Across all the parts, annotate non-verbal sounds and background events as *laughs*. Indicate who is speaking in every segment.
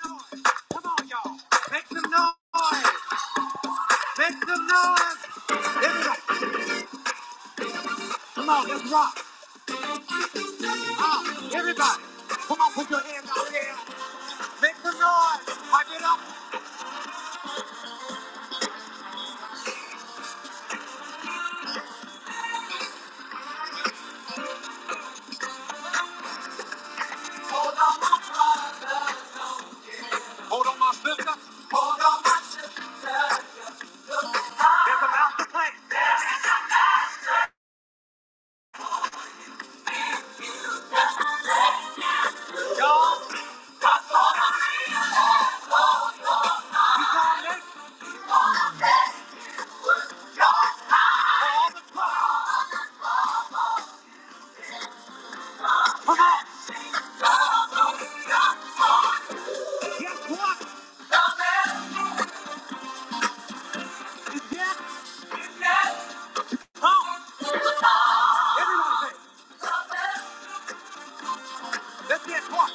Speaker 1: Come on, y'all. Make some noise. Make some noise. Everybody. Come on, let's rock. Ah, everybody. Come on, put your hands out there. Make some noise. Pipe it up. Hold on, my sister. Hold on. There's a mouth to play. You saw it. Guess what? It's yet. Come. Everyone say. Let's get what?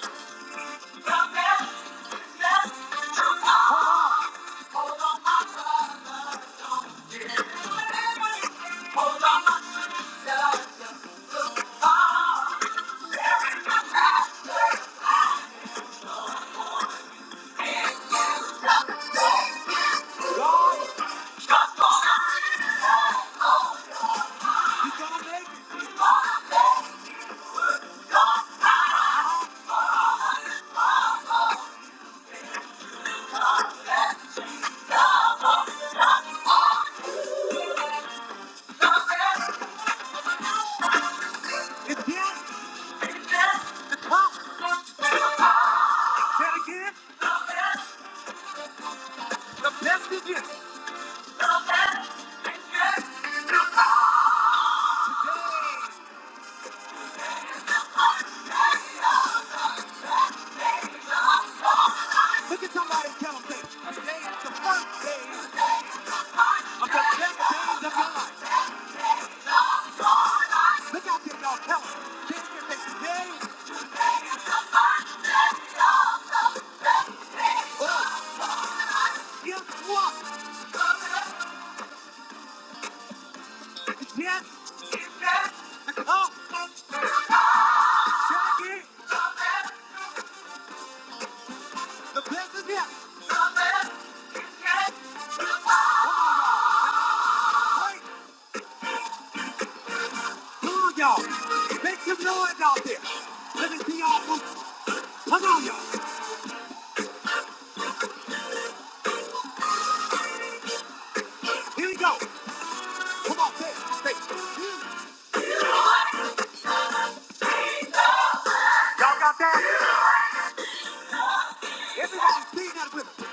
Speaker 1: You gonna make it. It's yet. Come. Say it again. The best is yet. Yay. Look at somebody and tell them, say, today is the first day of the ten days of your life. Look out there, y'all. Tell them. Kids can say, today is what? Yes, the cup of Jackie. The best is yet. Right? Come on, y'all. Make some noise out there. Let me see y'all move. Come on, y'all. Here we go. Come on, say, it. say. it. Y'all got that? Everybody sing that with me.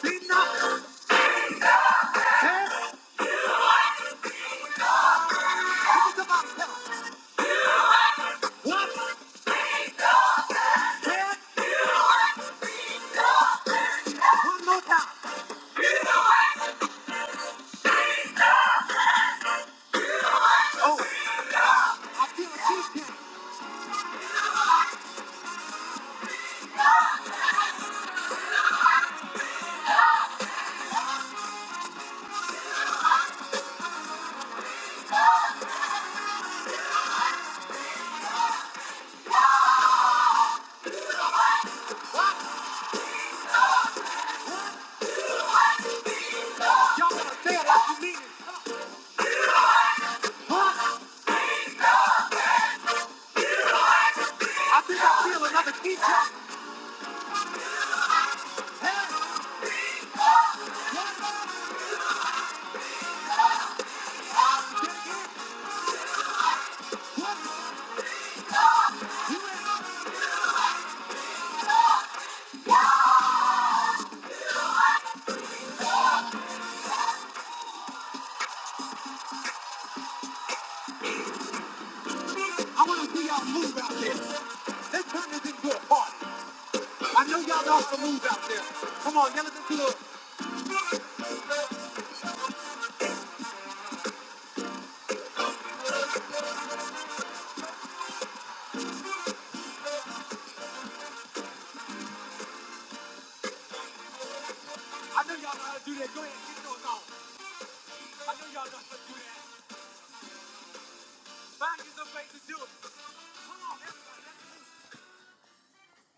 Speaker 1: Sing up. Hey, look at somebody. Tell them. One, ten, one more time. Oh, I feel a teaching. Y'all gotta say it like you mean it. I think I feel another key drop. What? I want to see y'all move out there. Let's turn this into a party. I know y'all know how to move out there. Come on, yell at the club. I know y'all know how to do that. Go ahead, and get yours on. I know y'all know how to do that. Find you some place to do it. Come on, everybody. Let's do it.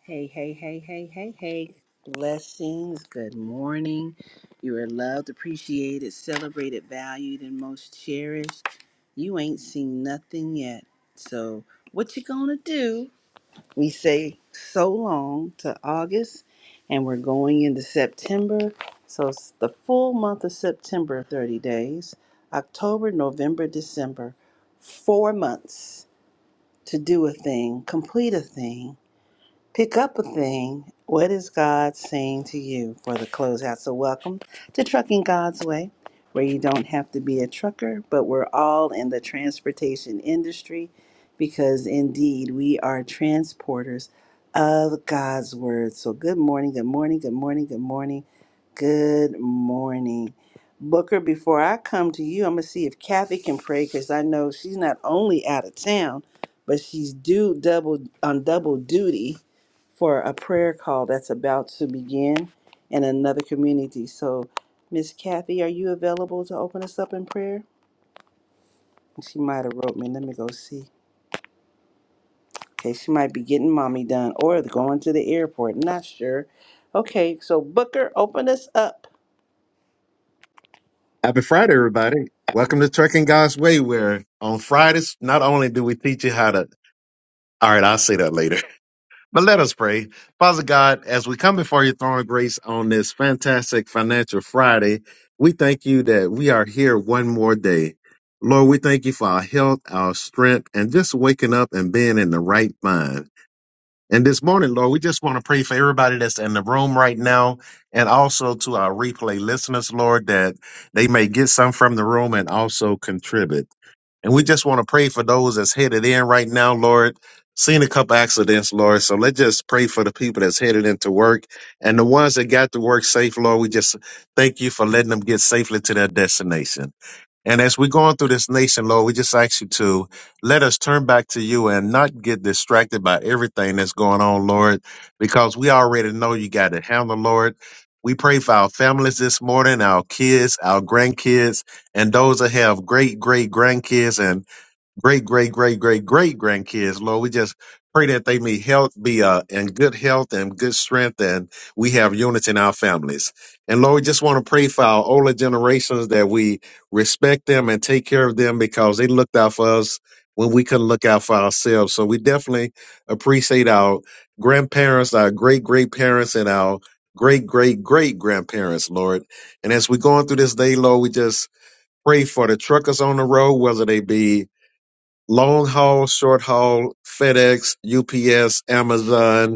Speaker 1: Hey, hey, hey, hey, hey, hey. Blessings. Good morning. You are loved, appreciated, celebrated, valued, and most cherished. You ain't seen nothing yet. So, what you gonna do? We say so long to August, and we're going into September. So, it's the full month of September, 30 days, October, November, December, four months to do a thing, complete a thing Pick up a thing. What is God saying to you for the closeout? So, welcome to Trucking God's Way, where you don't have to be a trucker, but we're all in the transportation industry because indeed we are transporters of God's Word. So, good morning, good morning, good morning, good morning, good morning. Booker, before I come to you, I'm going to see if Kathy can pray because I know she's not only out of town, but she's due double on double duty for a prayer call that's about to begin in another community. So, Miss Kathy, are you available to open us up in prayer? She might have wrote me. Let me go see. Okay, she might be getting mommy done or going to the airport. Not sure. Okay, so Booker, open us up.
Speaker 2: Happy Friday, everybody. Welcome to Trucking God's Way, where on Fridays, not only do we teach you how to, all right, I'll say that later, *laughs* but let us pray. Father God, as we come before your throne of grace on this fantastic financial Friday, we thank you that we are here one more day. Lord, we thank you for our health, our strength, and just waking up and being in the right mind. And this morning, Lord, we just want to pray for everybody that's in the room right now and also to our replay listeners, Lord, that they may get some from the room and also contribute. And we just want to pray for those that's headed in right now, Lord. Seen a couple accidents, Lord. So let's just pray for the people that's headed into work and the ones that got to work safe, Lord. We just thank you for letting them get safely to their destination. And as we're going through this nation, Lord, we just ask you to let us turn back to you and not get distracted by everything that's going on, Lord, because we already know you got it, handle, Lord. We pray for our families this morning, our kids, our grandkids, and those that have great great grandkids great, great, great, great, great grandkids, Lord. We just pray that they may health be uh, in good health and good strength, and we have unity in our families. And Lord, we just want to pray for our older generations that we respect them and take care of them because they looked out for us when we couldn't look out for ourselves. So we definitely appreciate our grandparents, our great great parents, and our great great great grandparents, Lord. And as we're going through this day, Lord, we just pray for the truckers on the road, whether they be long haul, short haul, FedEx, UPS, Amazon,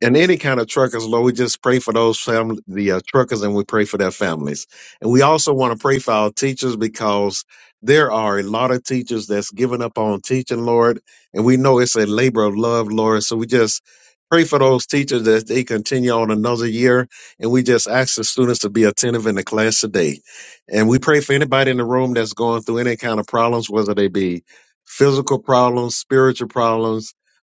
Speaker 2: and any kind of truckers, Lord, we just pray for those family, the uh, truckers, and we pray for their families. And we also want to pray for our teachers because there are a lot of teachers that's given up on teaching, Lord, and we know it's a labor of love, Lord. So we just pray for those teachers that they continue on another year, and we just ask the students to be attentive in the class today. And we pray for anybody in the room that's going through any kind of problems, whether they be physical problems, spiritual problems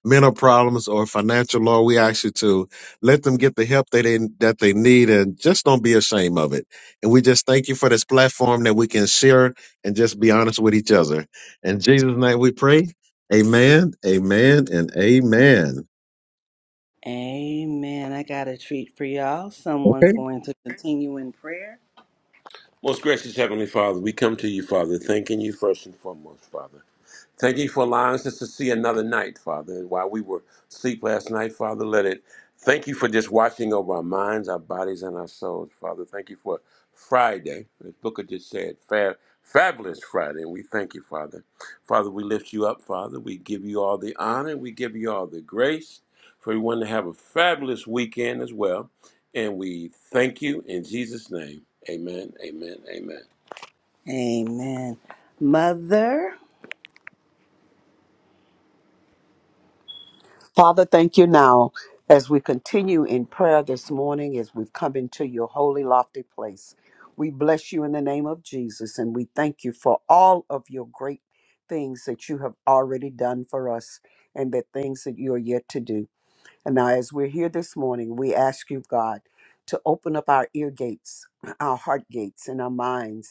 Speaker 2: mental problems or financial law, we ask you to let them get the help that they that they need and just don't be ashamed of it. And we just thank you for this platform that we can share and just be honest with each other. In Jesus' name we pray. Amen, amen, and amen.
Speaker 1: Amen. I got a treat for y'all. Someone's
Speaker 2: Okay.
Speaker 1: going to continue in prayer. Most gracious Heavenly Father, we come to you, Father, thanking you first and foremost, Father. Thank you for allowing us to see another night, Father. And while we were asleep last night, Father, let it. Thank you for just watching over our minds, our bodies, and our souls, Father. Thank you for Friday, as Booker just said, fa- fabulous Friday. And we thank you, Father. Father, we lift you up, Father. We give you all the honor. We give you all the grace for everyone to have a fabulous weekend as well. And we thank you in Jesus' name. Amen, amen, amen. Amen. Mother.
Speaker 3: Father, thank you now as we continue in prayer this morning, as we've come into your holy, lofty place. We bless you in the name of Jesus and we thank you for all of your great things that you have already done for us and the things that you are yet to do. And now, as we're here this morning, we ask you, God, to open up our ear gates, our heart gates, and our minds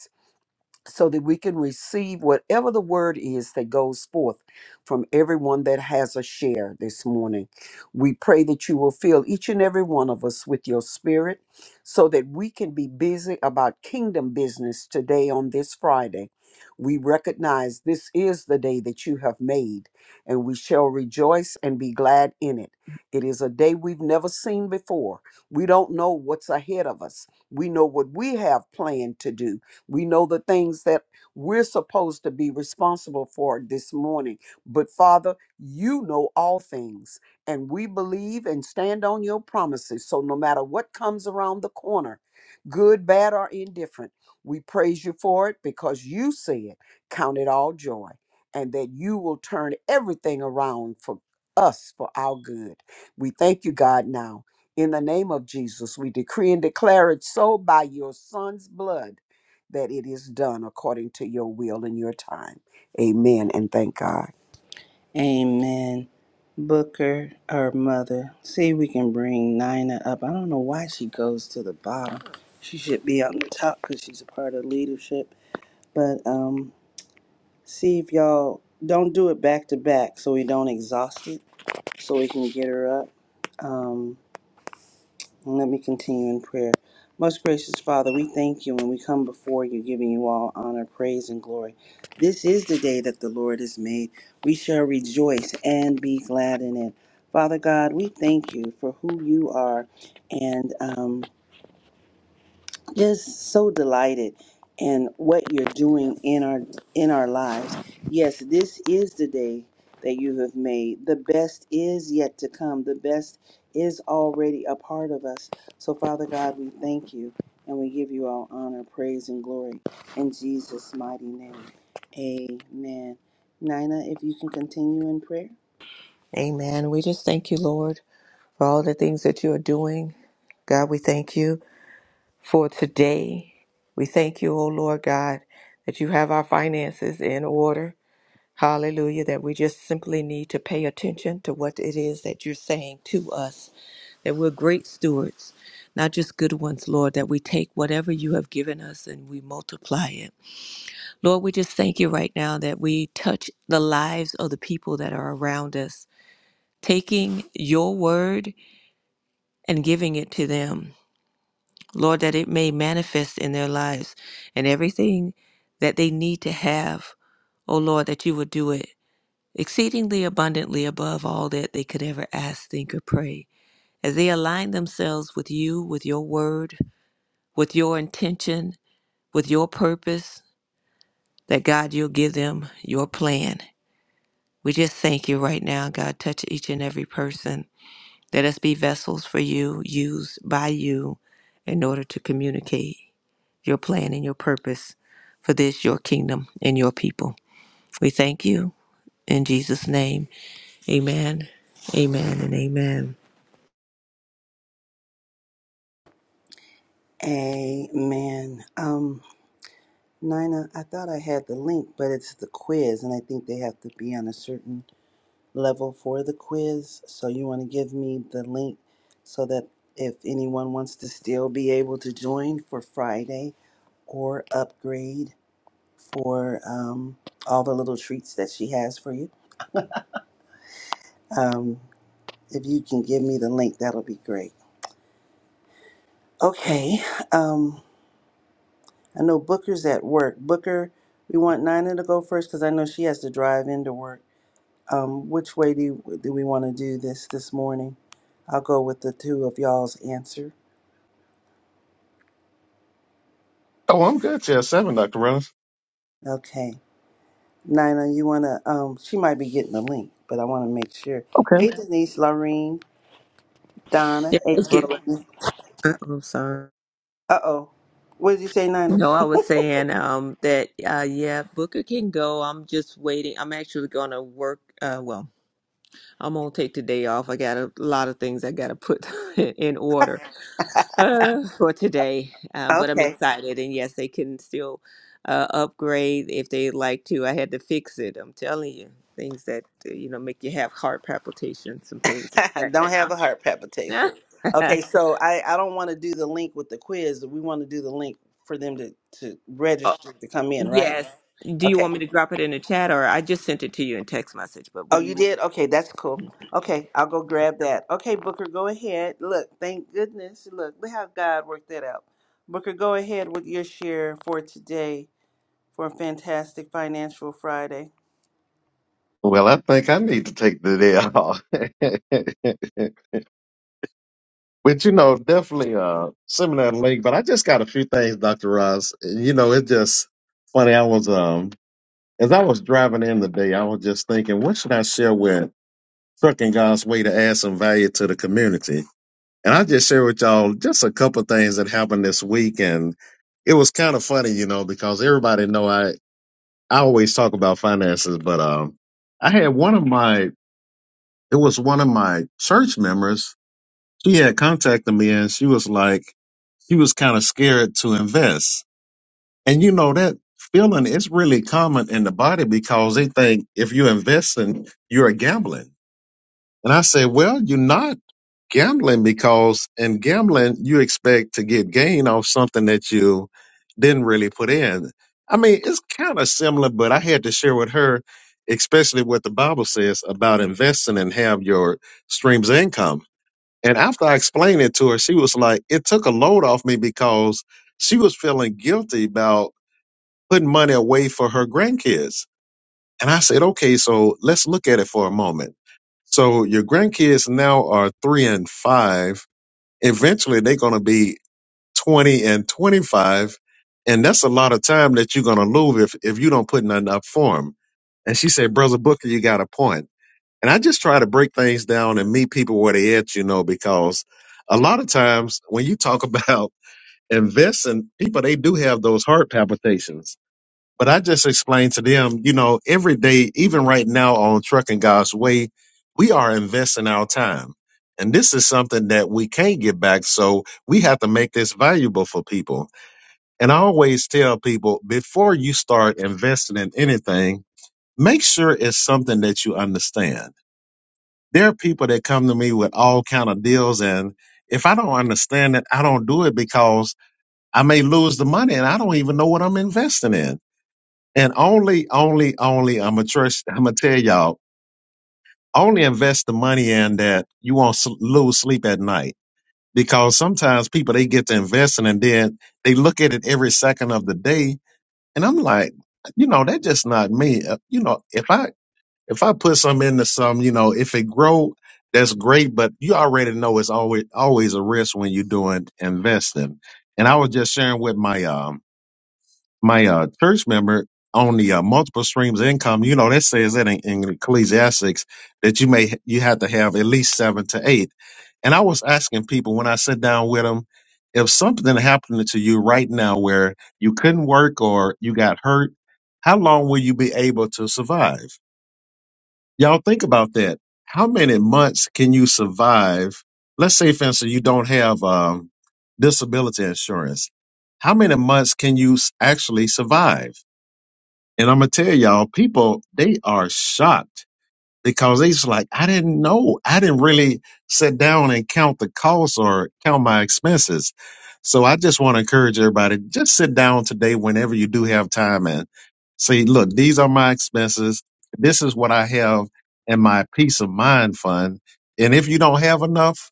Speaker 3: so that we can receive whatever the word is that goes forth from everyone that has a share this morning. We pray that you will fill each and every one of us with your spirit so that we can be busy about kingdom business today on this Friday. We recognize this is the day that you have made, and we shall rejoice and be glad in it. It is a day we've never seen before. We don't know what's ahead of us. We know what we have planned to do, we know the things that we're supposed to be responsible for this morning. But Father, you know all things, and we believe and stand on your promises. So no matter what comes around the corner, good, bad, or indifferent, we praise you for it because you said, Count it all joy, and that you will turn everything around for us for our good. We thank you, God, now. In the name of Jesus, we decree and declare it so by your son's blood that it is done according to your will and your time. Amen and thank God.
Speaker 1: Amen. Booker, her mother. See, we can bring Nina up. I don't know why she goes to the bottom. She should be on the top because she's a part of leadership. But um, see if y'all don't do it back to back so we don't exhaust it, so we can get her up. Um, and Let me continue in prayer. Most gracious Father, we thank you when we come before you, giving you all honor, praise, and glory. This is the day that the Lord has made. We shall rejoice and be glad in it. Father God, we thank you for who you are and um, just so delighted in what you're doing in our in our lives. Yes, this is the day that you have made. The best is yet to come. The best is already a part of us. So Father God, we thank you and we give you all honor, praise and glory in Jesus mighty name. Amen. Nina, if you can continue in prayer.
Speaker 4: Amen. We just thank you, Lord, for all the things that you are doing. God, we thank you for today. We thank you, O Lord God, that you have our finances in order. Hallelujah. That we just simply need to pay attention to what it is that you're saying to us, that we're great stewards, not just good ones, Lord, that we take whatever you have given us and we multiply it. Lord, we just thank you right now that we touch the lives of the people that are around us, taking your word and giving it to them, Lord, that it may manifest in their lives and everything that they need to have, O Lord, that you would do it exceedingly abundantly above all that they could ever ask, think, or pray. As they align themselves with you, with your word, with your intention, with your purpose, that God, you'll give them your plan. We just thank you right now, God. Touch each and every person Let us be vessels for you, used by you in order to communicate your plan and your purpose for this, your kingdom and your people. We thank you in Jesus' name. Amen. Amen and amen.
Speaker 1: Amen. Um, Nina, I thought I had the link, but it's the quiz, and I think they have to be on a certain level for the quiz. So you want to give me the link so that if anyone wants to still be able to join for Friday or upgrade for um, all the little treats that she has for you, um, if you can give me the link, that'll be great. Okay. Um, I know Booker's at work. Booker, we want Nina to go first because I know she has to drive into work. Um, which way do, do we want to do this this morning? I'll go with the two of y'all's answers.
Speaker 2: Oh, I'm good. Yeah, seven, Dr. Reynolds.
Speaker 1: Okay. Nina, you wanna um she might be getting the link, but I wanna make sure.
Speaker 2: Okay.
Speaker 1: Hey Denise, Laureen,
Speaker 4: Yeah,
Speaker 1: Donna,
Speaker 4: let's get.
Speaker 1: April.
Speaker 4: uh, I'm sorry.
Speaker 1: Uh oh. What did you say, Nina?
Speaker 4: No, I was saying um, that uh, yeah, Booker can go. I'm just waiting. I'm actually gonna work. Uh, well, I'm gonna take today off. I got a lot of things I gotta put *laughs* in order uh, for today, uh, but I'm
Speaker 1: Okay.
Speaker 4: excited. And yes, they can still uh, upgrade if they like to. I had to fix it. I'm telling you, things that uh, you know make you have heart palpitations, some things
Speaker 1: *laughs*
Speaker 4: in
Speaker 1: don't have a heart
Speaker 4: the
Speaker 1: palpitation.
Speaker 4: background.
Speaker 1: Okay, so I, I don't wanna do the link with the quiz. We wanna do the link for them to, to
Speaker 4: *laughs* oh,
Speaker 1: register to come in, right?
Speaker 4: yes. Do you
Speaker 1: Okay.
Speaker 4: want me to drop it in the chat, or I just sent it to you in text message? But what
Speaker 1: Oh,
Speaker 4: do you
Speaker 1: you
Speaker 4: want?
Speaker 1: did? Okay, that's cool. Okay, I'll go grab that. Okay, Booker, go ahead. Look, thank goodness. Look, look how God worked that out. Booker, go ahead with your share for today for a fantastic financial Friday.
Speaker 2: Well, I think I need to take the day off. *laughs* but you know, definitely uh seminar link. But I just got a few things, Dr. Ross. You know, it just funny. I was um As I was driving in today, I was just thinking, what should I share with Trucking God's Way to add some value to the community? And I just share with y'all just a couple of things that happened this week, and it was kind of funny, you know, because everybody know I I always talk about finances, but um, I had one of my it was one of my church members. She had contacted me, and she was like, she was kind of scared to invest And you know that feeling is really common in the body because they think if you invest in, you're gambling. And I say, well, you're not gambling because in gambling you expect to get gain off something that you didn't really put in. I mean, it's kind of similar, but I had to share with her, especially what the Bible says about investing and have your streams of income. And after I explained it to her, she was like, it took a load off me because she was feeling guilty about putting money away for her grandkids. And I said, okay, so let's look at it for a moment. So your grandkids now are three and five. Eventually, they're going to be 20 and 25. And that's a lot of time that you're going to lose if, if you don't put nothing up for them. And she said, Brother Booker, you got a point. And I just try to break things down and meet people where they at, you know, because a lot of times when you talk about *laughs* investing, people, they do have those heart palpitations but I just explained to them, you know, every day, even right now on Trucking God's Way, we are investing our time. And this is something that we can't get back. So we have to make this valuable for people. And I always tell people before you start investing in anything, make sure it's something that you understand. There are people that come to me with all kind of deals. And if I don't understand it, I don't do it because I may lose the money and I don't even know what I'm investing in. And only, only, only, I'm gonna trust, I'm gonna tell y'all, only invest the money in that you won't s- lose sleep at night. Because sometimes people they get to investing and then they look at it every second of the day, and I'm like, you know, that's just not me. Uh, You know, if I if I put some into some, you know, if it grow, that's great. But you already know it's always always a risk when you're doing investing. And I was just sharing with my um my uh, church member on the uh, multiple streams of income, you know, that says that in, in Ecclesiastics that you may you have to have at least seven to eight. And I was asking people when I sit down with them, if something happened to you right now where you couldn't work or you got hurt, how long will you be able to survive? Y'all think about that. How many months can you survive? Let's say, for instance, you don't have um, disability insurance. How many months can you s- actually survive? And I'm gonna tell y'all, people they are shocked because it's like I didn't know. I didn't really sit down and count the costs or count my expenses. So I just want to encourage everybody just sit down today whenever you do have time and say, look, these are my expenses. This is what I have in my peace of mind fund. And if you don't have enough,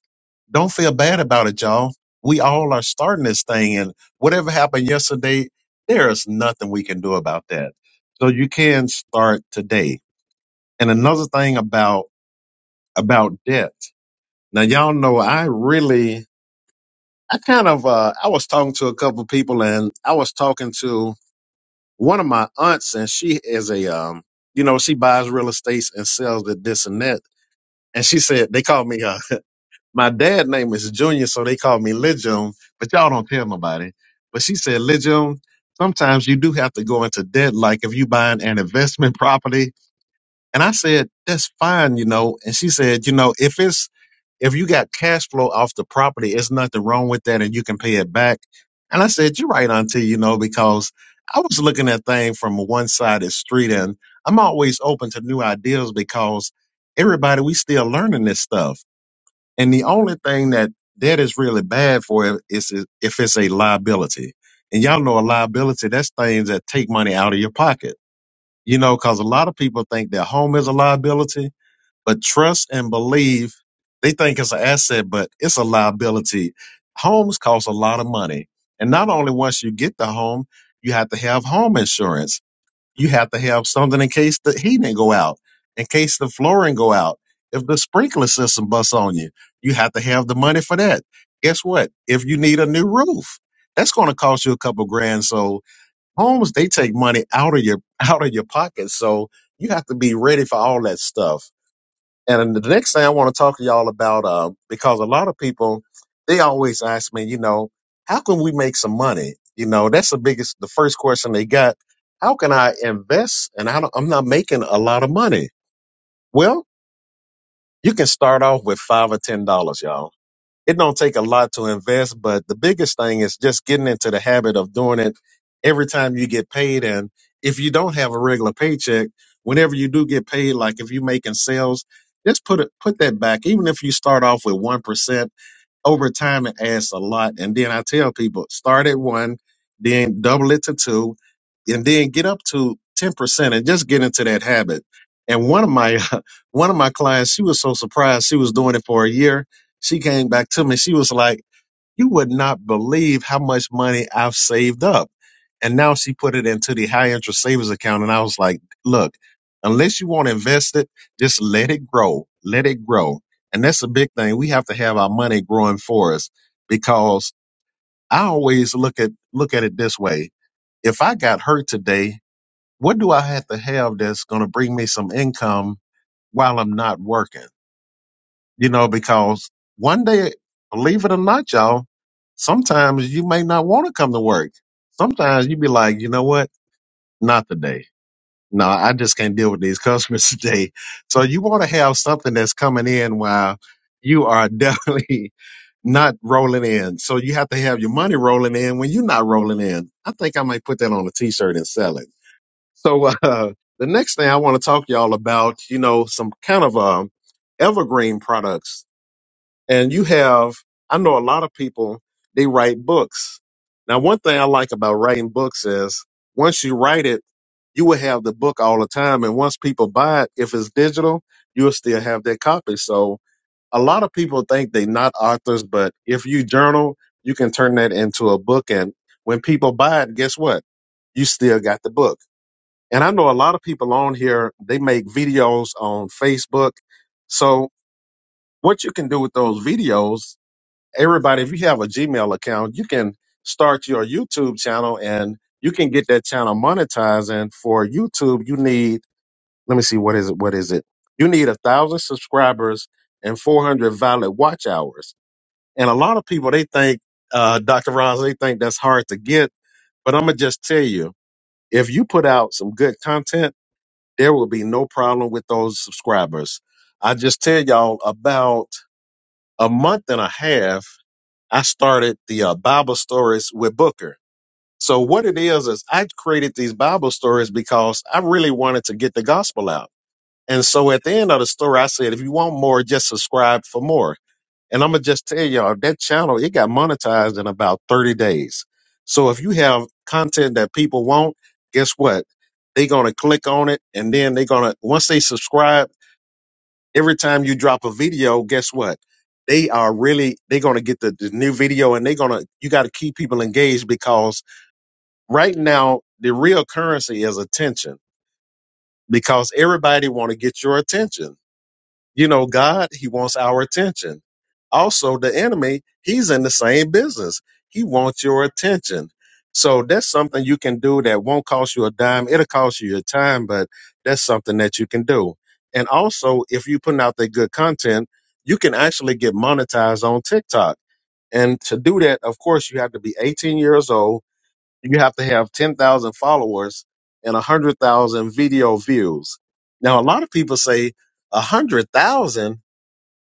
Speaker 2: don't feel bad about it, y'all. We all are starting this thing and whatever happened yesterday, there is nothing we can do about that. So you can start today and another thing about about debt. Now y'all know I really I kind of uh I was talking to a couple people and I was talking to one of my aunts and she is a um you know she buys real estates and sells it this and that. And she said they call me uh *laughs* my dad name is Junior so they call me Legion, but y'all don't tell nobody. But she said Legion, sometimes you do have to go into debt like if you buying an investment property. And I said that's fine, you know. And she said, you know, if it's if you got cash flow off the property, it's nothing wrong with that and you can pay it back. And I said, You're right, Auntie, you know, because I was looking at things from a one sided street and I'm always open to new ideas because everybody, we still learning this stuff. And the only thing that debt is really bad for it is if it's a liability. And y'all know a liability, that's things that take money out of your pocket. You know, because a lot of people think their home is a liability but trust and believe, they think it's an asset, but it's a liability. Homes cost a lot of money. And not only once you get the home, you have to have home insurance. You have to have something in case the heating go out, in case the flooring go out. If the sprinkler system busts on you, you have to have the money for that. Guess what? If you need a new roof, that's going to cost you a couple grand. So homes, they take money out of your *laughs* out of your pocket. So you have to be ready for all that stuff and the next thing I want to talk to y'all about, uh, because a lot of people, they always ask me, you know, how can we make some money? You know, that's the biggest, the first question they got. How can I invest? And I don't, I'm not making a lot of money. Well, you can start off with five or ten dollars, y'all it don't take a lot to invest, but the biggest thing is just getting into the habit of doing it every time you get paid. And if you don't have a regular paycheck, whenever you do get paid, like if you're making sales, just put it put that back. Even if you start off with 1%, over time it adds a lot. And then I tell people start at one, then double it to two, and then get up to ten percent and just get into that habit. And one of my *laughs* one of my clients, she was so surprised she was doing it for a year. She came back to me. She was like, you would not believe how much money I've saved up. And now she put it into the high interest savings account. And I was like, look, unless you want to invest it, just let it grow, let it grow. And that's a big thing. We have to have our money growing for us because I always look at, look at it this way. If I got hurt today, what do I have to have that's going to bring me some income while I'm not working? you know, because one day, believe it or not, y'all, sometimes you may not want to come to work. Sometimes you be like, you know what? Not today. No, I just can't deal with these customers *laughs* today. So you want to have something that's coming in while you are *laughs* definitely not rolling in. So you have to have your money rolling in when you're not rolling in. I think I might put that on a t-shirt and sell it. So, *laughs* uh, the next thing I want to talk to y'all about, you know, some kind of, um, evergreen products and you have, I know a lot of people, they write books. Now, one thing I like about writing books is once you write it, you will have the book all the time. And once people buy it, if it's digital, you'll still have that copy. So a lot of people think they're not authors, but if you journal, you can turn that into a book. And when people buy it, guess what? You still got the book. And I know a lot of people on here, they make videos on Facebook. So what you can do with those videos everybody, if you have a Gmail account, you can start your YouTube channel and you can get that channel monetized. And for YouTube, you need, let me see, what is it? What is it? You need a thousand subscribers and 400 valid watch hours. And a lot of people, they think, uh, Dr. Roz, they think that's hard to get. But I'm going to just tell you, if you put out some good content, there will be no problem with those subscribers. I just tell y'all about a month and a half I started the uh, Bible stories with Booker. So what it is is I created these Bible stories because I really wanted to get the gospel out. And so at the end of the story, I said, if you want more, just subscribe for more. And I'm gonna just tell y'all that channel it got monetized in about 30 days. So if you have content that people want, guess what? They're gonna click on it, and then they're gonna once they subscribe every time you drop a video, guess what? They are really they're gonna get the, the new video and they're gonna you gotta keep people engaged because right now the real currency is attention because everybody wanna get your attention you know god he wants our attention also the enemy he's in the same business he wants your attention so that's something you can do that won't cost you a dime it'll cost you your time but that's something that you can do and also if you're putting out that good content you can actually get monetized on tiktok and to do that of course you have to be 18 years old you have to have 10,000 followers and 100,000 video views now a lot of people say 100,000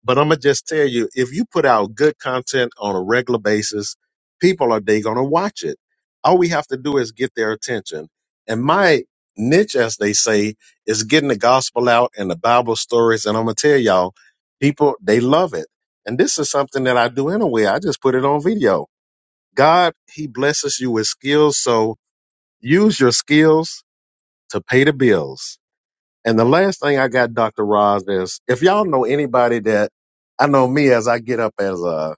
Speaker 2: but I'm gonna just tell you, if you put out good content on a regular basis, people are they gonna watch it. All we have to do is get their attention. And my niche, as they say, is getting the gospel out and the Bible stories. And I'm gonna tell y'all, people they love it. And this is something that I do anyway. I just put it on video. God, He blesses you with skills, so use your skills to pay the bills and the last thing I got, Dr. Roz, is if y'all know anybody that I know me as I get up as uh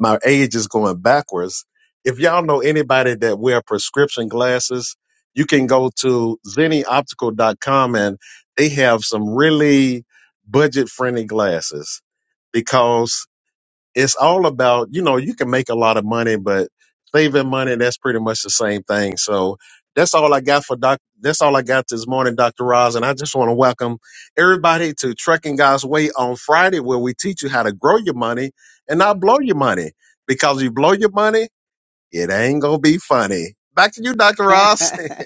Speaker 2: my age is going backwards. If y'all know anybody that wear prescription glasses, you can go to zennioptical.com and they have some really budget friendly glasses because it's all about you know you can make a lot of money but saving money that's pretty much the same thing so that's all i got for doc that's all i got this morning dr Roz. and i just want to welcome everybody to trucking god's way on friday where we teach you how to grow your money and not blow your money because you blow your money it ain't gonna be funny back to you dr
Speaker 1: *laughs*
Speaker 2: Roz. *laughs*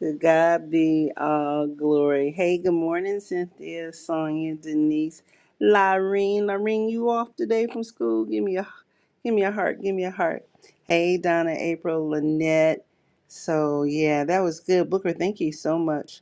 Speaker 1: To God be all glory. Hey, good morning, Cynthia, Sonia, Denise, Lyrene. Lyrene, you off today from school? Give me a, give me a heart. Give me a heart. Hey, Donna, April, Lynette. So yeah, that was good, Booker. Thank you so much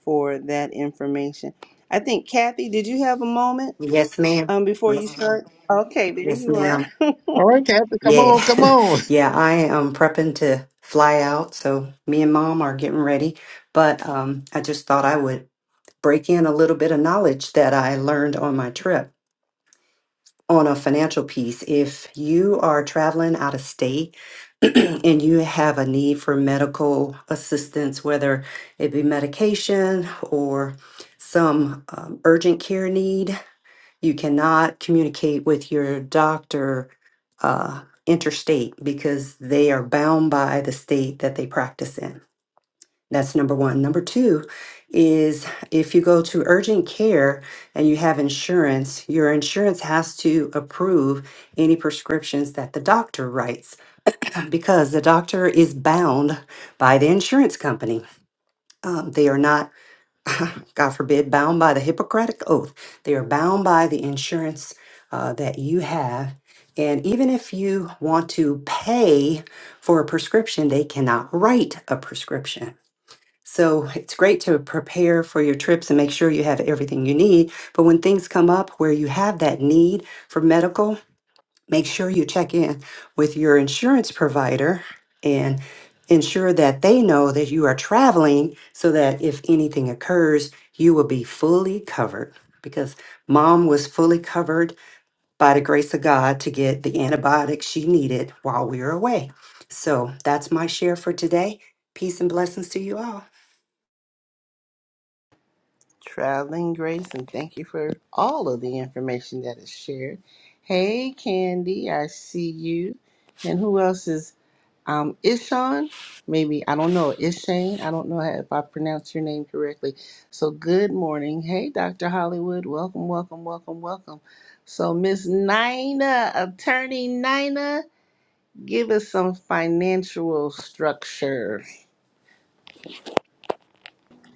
Speaker 1: for that information. I think Kathy, did you have a moment
Speaker 5: Yes, ma'am.
Speaker 1: um before you
Speaker 5: Yes, ma'am.
Speaker 1: start? Okay, there
Speaker 5: Yes,
Speaker 1: you are.
Speaker 5: ma'am.
Speaker 1: *laughs*
Speaker 2: all right captain come
Speaker 5: Yeah.
Speaker 2: on come
Speaker 5: *laughs*
Speaker 2: on
Speaker 5: Yeah, I am prepping to fly out. So me and mom are getting ready. But um, I just thought I would break in a little bit of knowledge that I learned on my trip on a financial piece. If you are traveling out of state *clears throat* and you have a need for medical assistance, whether it be medication or some um, urgent care need, You cannot communicate with your doctor uh, interstate because they are bound by the state that they practice in. That's number one. Number two is if you go to urgent care and you have insurance, your insurance has to approve any prescriptions that the doctor writes because the doctor is bound by the insurance company. Um, they are not *laughs* God forbid, bound by the Hippocratic Oath. They are bound by the insurance uh, that you have. And even if you want to pay for a prescription, they cannot write a prescription. So it's great to prepare for your trips and make sure you have everything you need. But when things come up where you have that need for medical, make sure you check in with your insurance provider and ensure that they know that you are traveling so that if anything occurs, you will be fully covered. Because mom was fully covered by the grace of God to get the antibiotics she needed while we were away. So that's my share for today. Peace and blessings to you all.
Speaker 1: traveling grace and thank you for all of the information that is shared hey candy i see you and who else is um ishan maybe i don't know ishane i don't know if i pronounced your name correctly so good morning hey dr hollywood welcome welcome welcome welcome so miss nina attorney nina give us some financial structure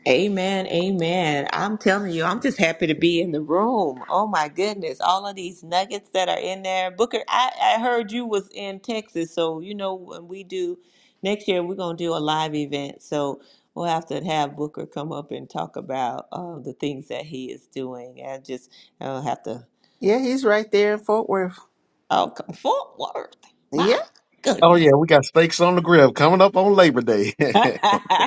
Speaker 4: Amen, amen. I'm telling you, I'm just happy to be in the room. Oh my goodness, all of these nuggets that are in there. Booker, I, I heard you was in Texas, so you know when we do next year, we're gonna do a live event. So we'll have to have Booker come up and talk about uh, the things that he is doing. I just I'll have to.
Speaker 1: yeah he's right there in fort worth
Speaker 4: Oh, come Fort Worth,
Speaker 1: yeah
Speaker 4: my
Speaker 2: oh
Speaker 4: goodness.
Speaker 2: yeah we got steaks on the grill coming up on labor day *laughs*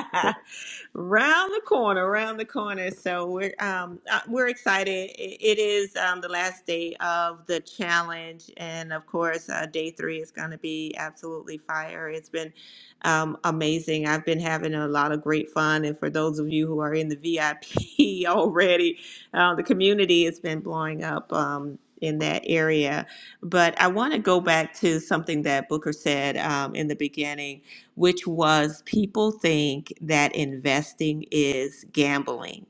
Speaker 4: *laughs* round the corner, round the corner. So we're um, uh, we're excited. I- It is um, the last day of the challenge, and of course, uh, day three is going to be absolutely fire. It's been um, amazing. I've been having a lot of great fun, and for those of you who are in the VIP *laughs* already, uh, the community has been blowing up. Um, in that area, but I want to go back to something that Booker said um, in the beginning which was people think that investing is gambling.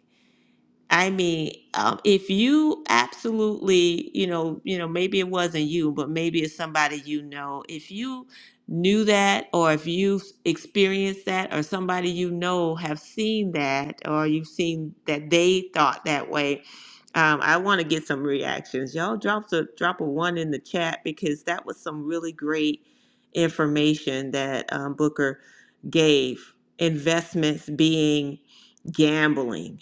Speaker 4: I mean, um, if you absolutely, you know, you know, maybe it wasn't you, but maybe it's somebody you know. If you knew that, or if you've experienced that, or somebody you know have seen that, or you've seen that they thought that way, um, I want to get some reactions. Y'all drop a drop a one in the chat because that was some really great information that um, Booker gave. Investments being gambling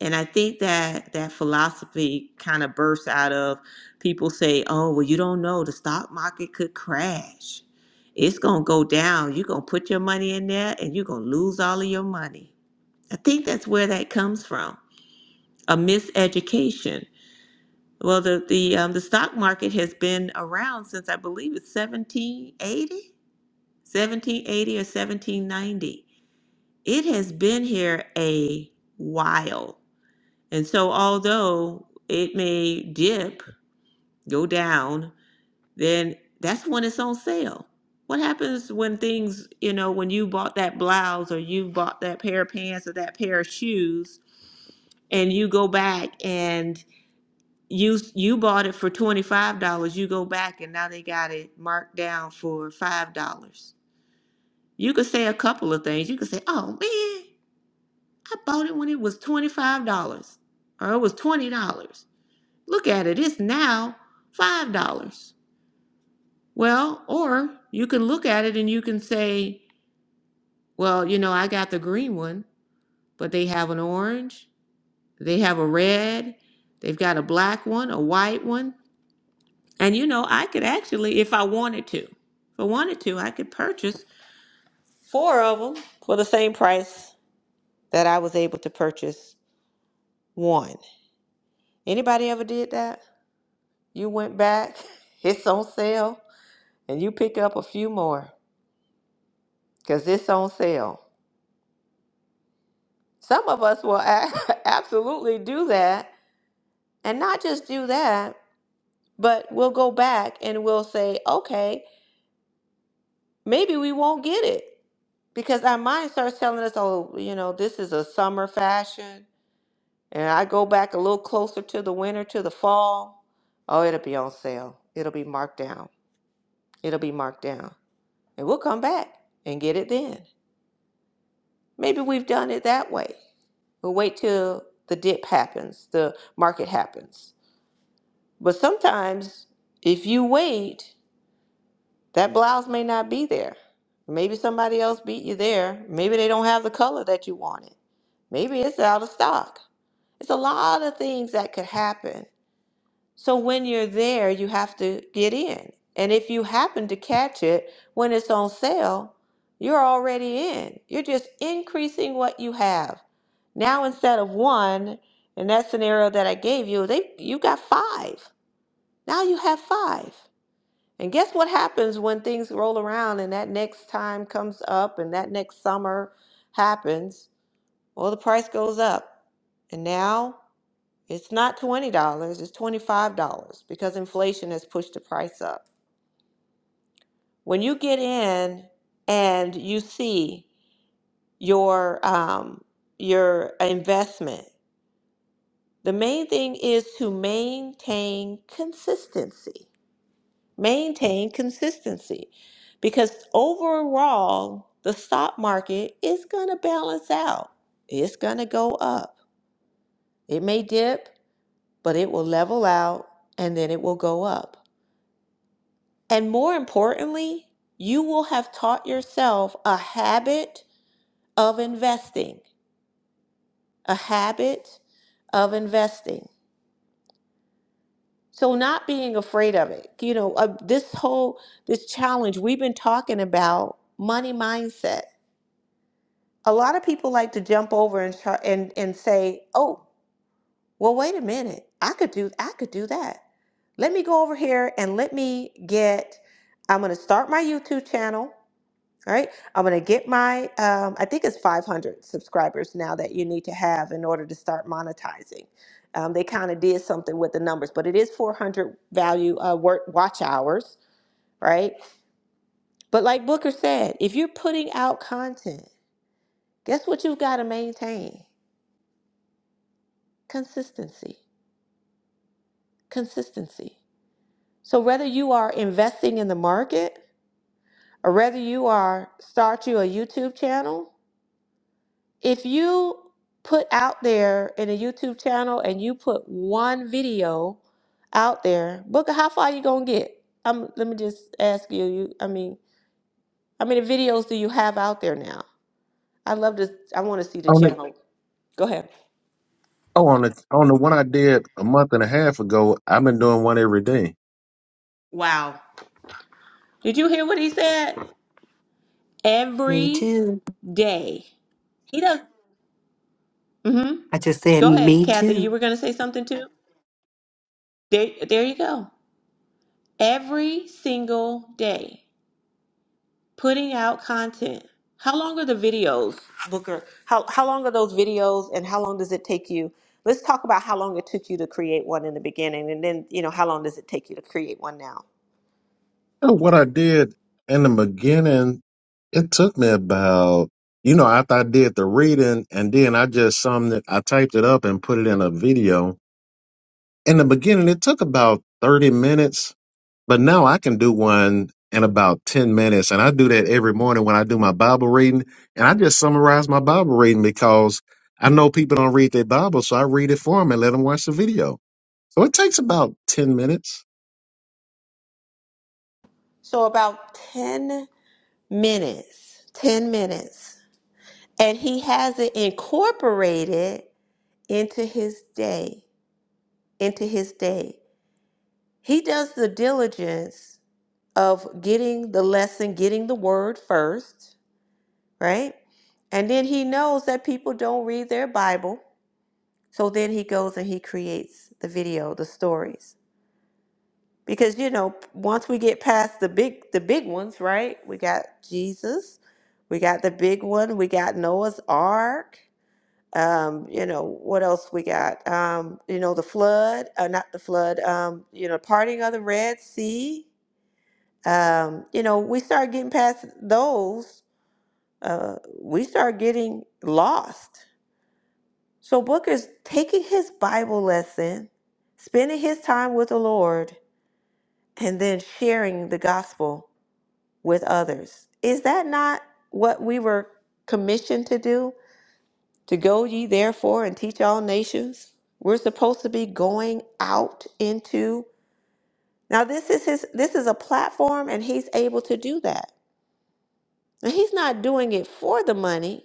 Speaker 4: and I think that that philosophy kind of bursts out of people say, "Oh, well, you don't know the stock market could crash. It's going to go down. You're going to put your money in there and you're going to lose all of your money." I think that's where that comes from, a miseducation. Well, the the um, the stock market has been around since I believe it's 1780, 1780 or 1790. It has been here a while And so, although it may dip, go down, then that's when it's on sale. What happens when things, you know, when you bought that blouse or you bought that pair of pants or that pair of shoes, and you go back and you you bought it for twenty five dollars, you go back and now they got it marked down for five dollars. You could say a couple of things. You could say, "Oh man, I bought it when it was twenty five dollars, or it was twenty dollars." Look at it, it's now $5. Well, or you can look at it and you can say, well, you know, I got the green one, but they have an orange, they have a red, they've got a black one, a white one. And you know, I could actually, if I wanted to, if I wanted to, I could purchase four of them for the same price that I was able to purchase one. Anybody ever did that? You went back, *laughs* it's on sale, and you pick up a few more. because it's on sale. Some of us will a- *laughs* absolutely do that and not just do that, but we'll go back and we'll say, okay, maybe we won't get it because our mind starts telling us, oh, you know, this is a summer fashion. And I go back a little closer to the winter, to the fall. Oh, it'll be on sale. It'll be marked down. It'll be marked down. And we'll come back and get it then. Maybe we've done it that way. We'll wait till the dip happens, the market happens. But sometimes, if you wait, that blouse may not be there. Maybe somebody else beat you there. Maybe they don't have the color that you wanted. Maybe it's out of stock. It's a lot of things that could happen so when you're there, you have to get in. And if you happen to catch it when it's on sale, you're already in. You're just increasing what you have. Now instead of one, in that scenario that I gave you, they you got five. Now you have five. And guess what happens when things roll around and that next time comes up and that next summer happens? Well, the price goes up. And now it's not $20, it's $25 because inflation has pushed the price up. When you get in and you see your um, your investment, the main thing is to maintain consistency. Maintain consistency because overall, the stock market is going to balance out. It's going to go up. It may dip, but it will level out and then it will go up And more importantly, you will have taught yourself a habit of investing, a habit of investing. So not being afraid of it. You know, uh, this whole this challenge we've been talking about money mindset. A lot of people like to jump over and try, and and say, "Oh, well wait a minute. I could do I could do that. Let me go over here and let me get I'm going to start my YouTube channel. All right. I'm going to get my, um, I think it's 500 subscribers now that you need to have in order to start monetizing. Um, they kind of did something with the numbers, but it is 400 value uh, work watch hours, right? But like Booker said, if you're putting out content, guess what you've got to maintain? Consistency. Consistency. So whether you are investing in the market or whether you are start you a YouTube channel if you put out there in a YouTube channel and you put one video out there, Booker, how far you gonna get? Um, let me just ask you. You, I mean, how many videos do you have out there now? I love to. I want to see the
Speaker 2: On
Speaker 4: channel. Go ahead.
Speaker 2: Oh, on the on the one I did a month and a half ago, I've been doing one every day.
Speaker 4: Wow. Did you hear what he said?
Speaker 5: Me
Speaker 4: Every
Speaker 5: too.
Speaker 4: day. He does. Mm-hmm.
Speaker 5: I just said
Speaker 4: Go ahead,
Speaker 5: me
Speaker 4: Kathy. You
Speaker 5: too.
Speaker 4: were gonna say something too. There, there you go. Every single day. Putting out content. How long are the videos, Booker? How how long are those videos and how long does it take you? Let's talk about how long it took you to create one in the beginning and then, you know, how long does it take you to create one now?
Speaker 2: And what I did in the beginning, it took me about you know after I did the reading and then I just summed it, I typed it up and put it in a video. In the beginning, it took about thirty minutes, but now I can do one in about ten minutes, and I do that every morning when I do my Bible reading, and I just summarize my Bible reading because I know people don't read their Bible, so I read it for them and let them watch the video. So it takes about 10 minutes.
Speaker 4: So about 10 minutes. 10 minutes. And he has it incorporated into his day, into his day. He does the diligence of getting the lesson, getting the word first. right? And then he knows that people don't read their Bible. So then he goes and he creates the video, the stories. Because you know, once we get past the big the big ones, right? We got Jesus, we got the big one, we got Noah's Ark. Um, you know, what else we got? Um, you know, the flood, uh, not the flood, um, you know, parting of the Red Sea. Um, you know, we start getting past those, uh, we start getting lost So Booker's taking his Bible lesson, spending his time with the Lord, and then sharing the gospel with others. Is that not what we were commissioned to do? To go ye therefore and teach all nations? We're supposed to be going out into now this is his this is a platform and he's able to do that. And he's not doing it for the money.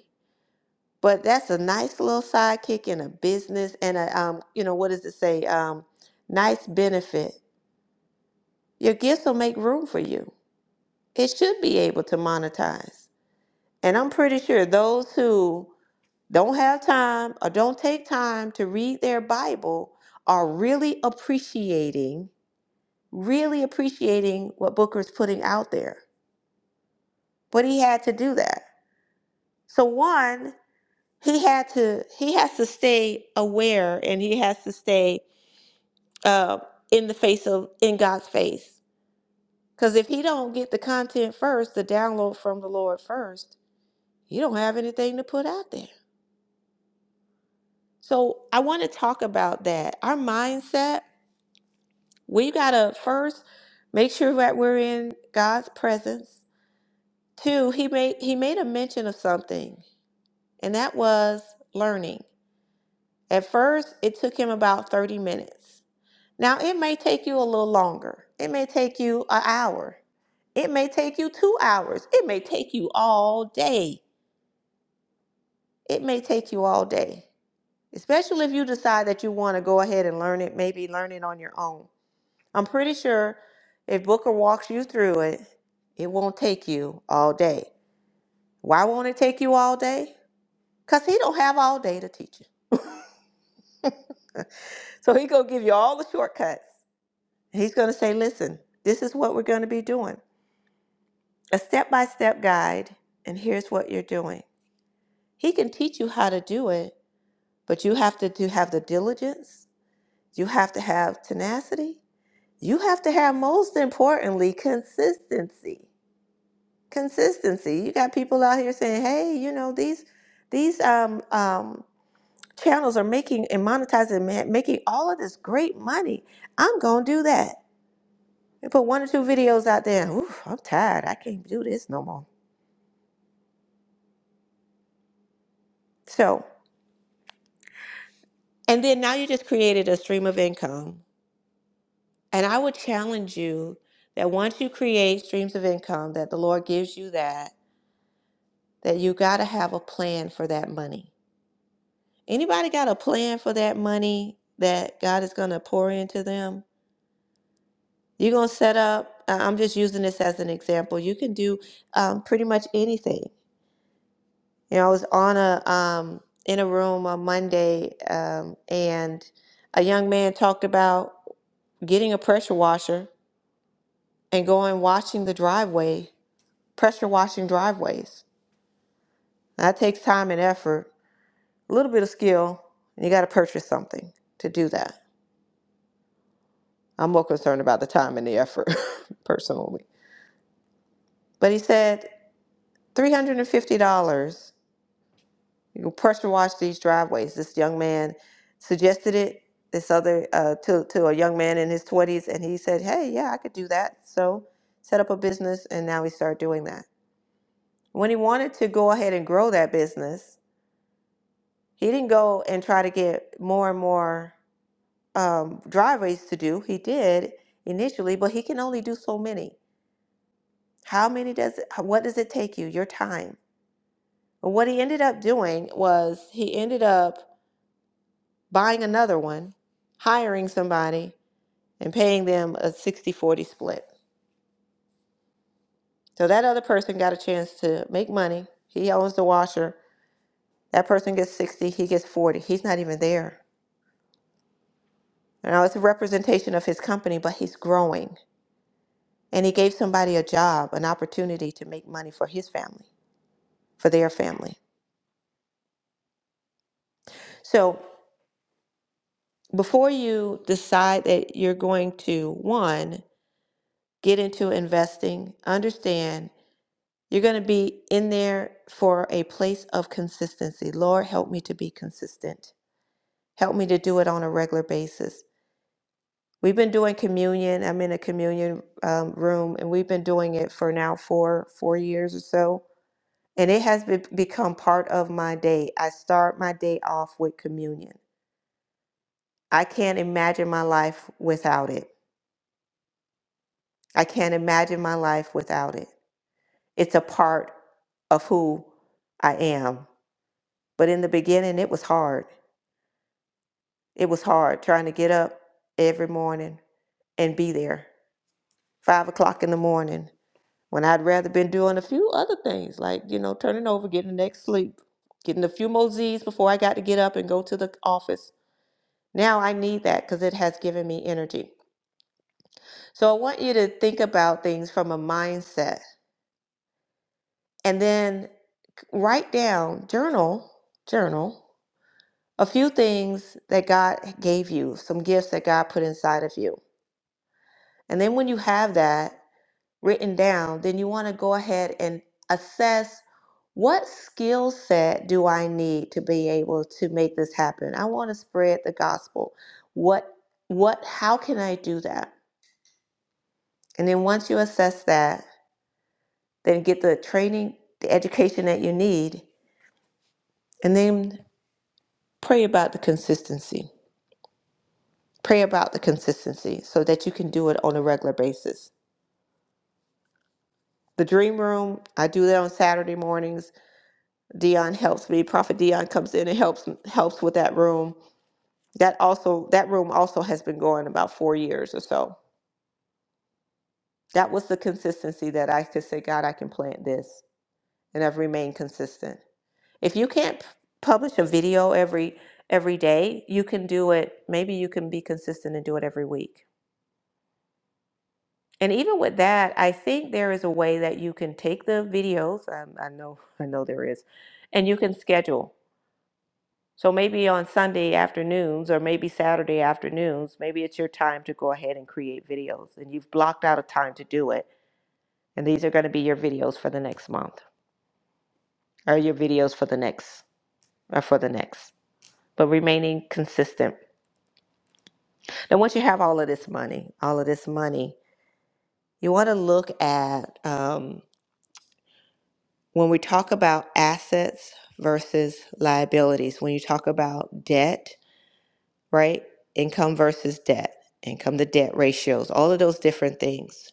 Speaker 4: But that's a nice little sidekick in a business and a um, you know, what does it say? Um, nice benefit. Your gifts will make room for you. It should be able to monetize. And I'm pretty sure those who don't have time or don't take time to read their Bible are really appreciating, really appreciating what Booker's putting out there. But he had to do that. So one, he had to he has to stay aware and he has to stay uh, in the face of in God's face. Because if he don't get the content first, the download from the Lord first, you don't have anything to put out there. So I want to talk about that. Our mindset, we gotta first make sure that we're in God's presence. Two, he made he made a mention of something, and that was learning. At first, it took him about 30 minutes. Now, it may take you a little longer. It may take you an hour. It may take you two hours. It may take you all day. It may take you all day, especially if you decide that you want to go ahead and learn it, maybe learn it on your own. I'm pretty sure if Booker walks you through it, it won't take you all day. Why won't it take you all day? Because he don't have all day to teach you. *laughs* So he gonna give you all the shortcuts. He's gonna say, listen, this is what we're gonna be doing. a step by step guide, and here's what you're doing. He can teach you how to do it, but you have to do, have the diligence, you have to have tenacity, you have to have, most importantly, consistency. Consistency. You got people out here saying, hey, you know, these, these um, um, channels are making and monetizing, man, making all of this great money. I'm going to do that. They put one or two videos out there. Oof, I'm tired. I can't do this no more. So." And then now you just created a stream of income. And I would challenge you that once you create streams of income that the Lord gives you that that you got to have a plan for that money. Anybody got a plan for that money that God is going to pour into them? You're going to set up I- I'm just using this as an example. You can do um, pretty much anything. You know, I was on a um, in a room on Monday um, and a young man talked about getting a pressure washer and going washing the driveway, pressure washing driveways. That takes time and effort, a little bit of skill, and you got to purchase something to do that. I'm more concerned about the time and the effort *laughs* personally. But he said $350. You can pressure wash these driveways. This young man suggested it. This other uh, to to a young man in his 20s, and he said, "Hey, yeah, I could do that." So set up a business, and now he started doing that. When he wanted to go ahead and grow that business, He didn't go and try to get more and more um, driveways to do. He did initially, but he can only do so many. How many does it, what does it take you? Your time. And what he ended up doing was he ended up buying another one, hiring somebody, and paying them a 60 40 split. So that other person got a chance to make money. He owns the washer. That person gets 60, he gets 40. He's not even there. Now it's a representation of his company, but he's growing And he gave somebody a job, an opportunity to make money for his family, for their family. So before you decide that you're going to, one, get into investing, understand you're going to be in there for a place of consistency. Lord, help me to be consistent. Help me to do it on a regular basis. We've been doing communion. I'm in a communion um, room, and we've been doing it for now four four years or so and it has be- become part of my day. I start my day off with communion. I can't imagine my life without it. I can't imagine my life without it. It's a part of who I am. But in the beginning, it was hard. It was hard trying to get up every morning and be there. Five o'clock in the morning, when I'd rather been doing a few other things, like, you know, turning over, getting the next sleep, getting a few more Z's before I got to get up and go to the office Now I need that because it has given me energy. So I want you to think about things from a mindset and then write down, journal, journal a few things that God gave you, some gifts that God put inside of you. And then when you have that written down, then you want to go ahead and assess what skill set do I need to be able to make this happen? I want to spread the gospel. What what how can I do that? And then once you assess that, then get the training, the education that you need, and then pray about the consistency. Pray about the consistency so that you can do it on a regular basis. The dream room, I do that on Saturday mornings. Dion helps me. Prophet Dion comes in and helps helps with that room. That also that room also has been going about four years or so. That was the consistency that I could say, God, I can plant this. And I've remained consistent. If you can't p- publish a video every every day, you can do it. Maybe you can be consistent and do it every week. And even with that, I think there is a way that you can take the videos. I, I know, *laughs* I know there is, and you can schedule. So maybe on Sunday afternoons or maybe Saturday afternoons, maybe it's your time to go ahead and create videos, and you've blocked out a time to do it. And these are going to be your videos for the next month, or your videos for the next, or for the next. But remaining consistent. Now, once you have all of this money, all of this money, you want to look at um, when we talk about assets versus liabilities, when you talk about debt, right? Income versus debt, income to debt ratios, all of those different things.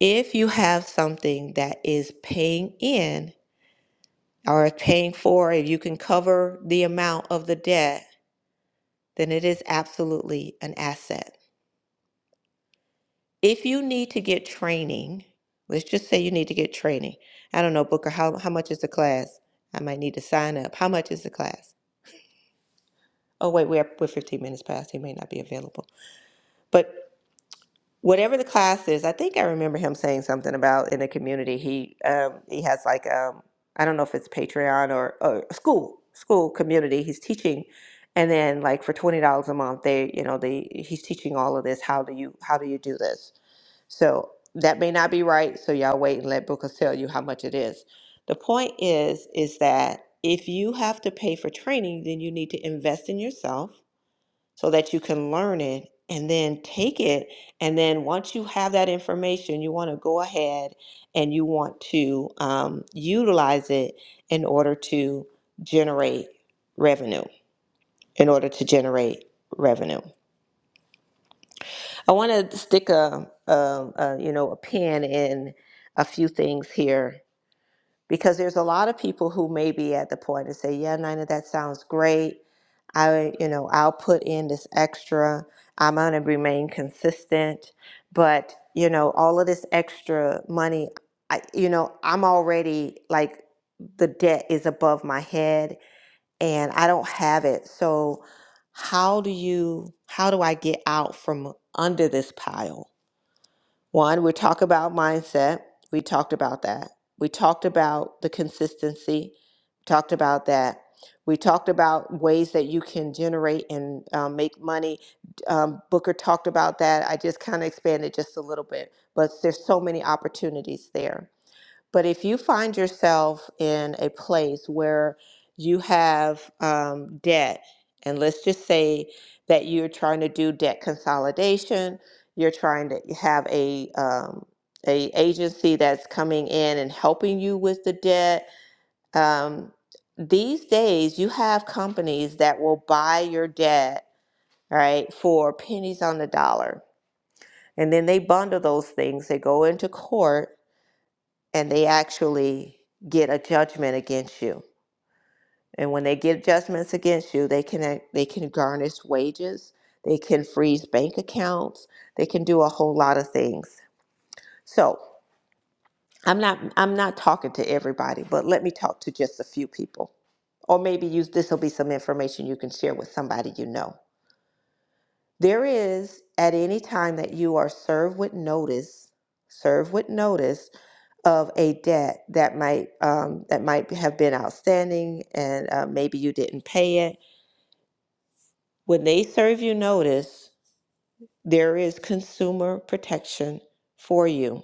Speaker 4: If you have something that is paying in or paying for, if you can cover the amount of the debt, then it is absolutely an asset if you need to get training, let's just say you need to get training. I don't know, Booker, how, how much is the class? I might need to sign up. How much is the class? Oh, wait, we're, we're 15 minutes past. He may not be available. But whatever the class is, I think I remember him saying something about in the community. He um, he has like, um, I don't know if it's Patreon or, or school, school community. He's teaching. And then like for $20 a month, they, you know, they, he's teaching all of this. How do you, how do you do this? So that may not be right. So y'all wait and let Booker tell you how much it is. The point is, is that if you have to pay for training, then you need to invest in yourself so that you can learn it and then take it. And then once you have that information, you want to go ahead and you want to um, utilize it in order to generate revenue, in order to generate revenue. I want to stick a, a, a you know a pin in a few things here because there's a lot of people who may be at the point and say, "Yeah, Nina, that sounds great. I you know I'll put in this extra. I'm gonna remain consistent, but you know all of this extra money, I you know I'm already like the debt is above my head and I don't have it, so." how do you how do i get out from under this pile one, we talk about mindset. We talked about that. We talked about the consistency. Talked about that. We talked about ways that you can generate and um, make money. Um, Booker talked about that. I just kind of expanded just a little bit, but there's so many opportunities there. But if you find yourself in a place where you have um, debt, and let's just say that you're trying to do debt consolidation, you're trying to have a um, a agency that's coming in and helping you with the debt. Um, these days, you have companies that will buy your debt, right, for pennies on the dollar, and then they bundle those things. They go into court and they actually get a judgment against you. And when they get judgments against you, they can they can garnish wages, they can freeze bank accounts, they can do a whole lot of things. So I'm not I'm not talking to everybody, but let me talk to just a few people. Or maybe use this will be some information you can share with somebody you know. There is at any time that you are served with notice, served with notice of a debt that might um, that might have been outstanding and uh, maybe you didn't pay it when they serve you notice there is consumer protection for you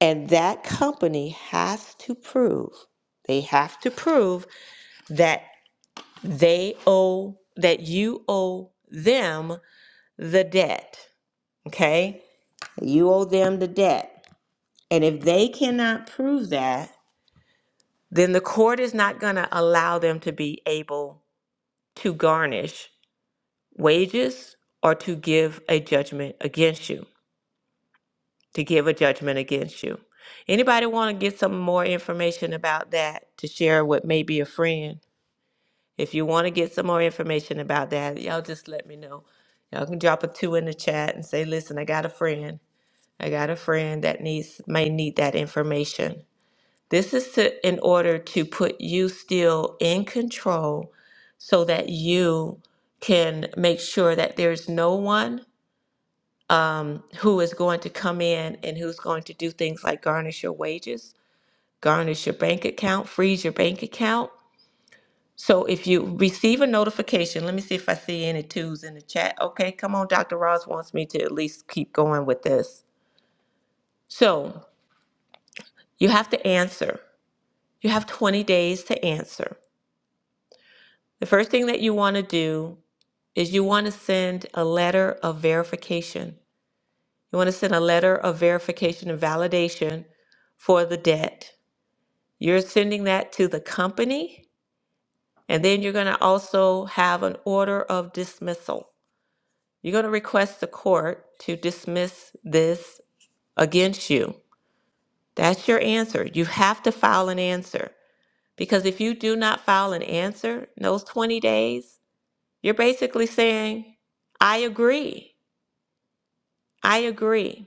Speaker 4: and that company has to prove they have to prove that they owe that you owe them the debt okay you owe them the debt and if they cannot prove that then the court is not going to allow them to be able to garnish wages or to give a judgment against you to give a judgment against you anybody want to get some more information about that to share with maybe a friend if you want to get some more information about that y'all just let me know y'all can drop a two in the chat and say listen i got a friend i got a friend that needs may need that information This is to, in order to put you still in control so that you can make sure that there's no one um, who is going to come in and who's going to do things like garnish your wages, garnish your bank account, freeze your bank account. So if you receive a notification, let me see if I see any twos in the chat. Okay, come on, Dr. Ross wants me to at least keep going with this. So you have to answer. You have 20 days to answer. The first thing that you want to do is you want to send a letter of verification. You want to send a letter of verification and validation for the debt. You're sending that to the company, and then you're going to also have an order of dismissal. You're going to request the court to dismiss this against you. That's your answer. You have to file an answer because if you do not file an answer in those 20 days, You're basically saying, I agree. I agree.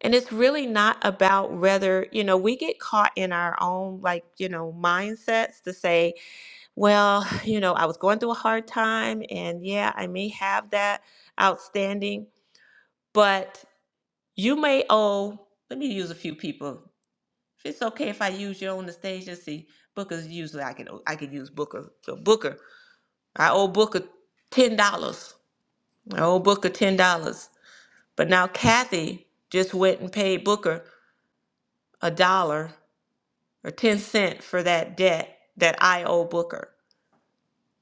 Speaker 4: And it's really not about whether, you know, we get caught in our own, like, you know, mindsets to say, well, *sighs* you know, I was going through a hard time and yeah, I may have that outstanding, but you may owe, let me use a few people. If it's okay if I use you on the stage, let's see, Booker's usually, I can, I can use Booker. So Booker, I owe Booker $10. I owe Booker $10 But now Kathy just went and paid Booker a dollar or 10 cents for that debt that I owe Booker.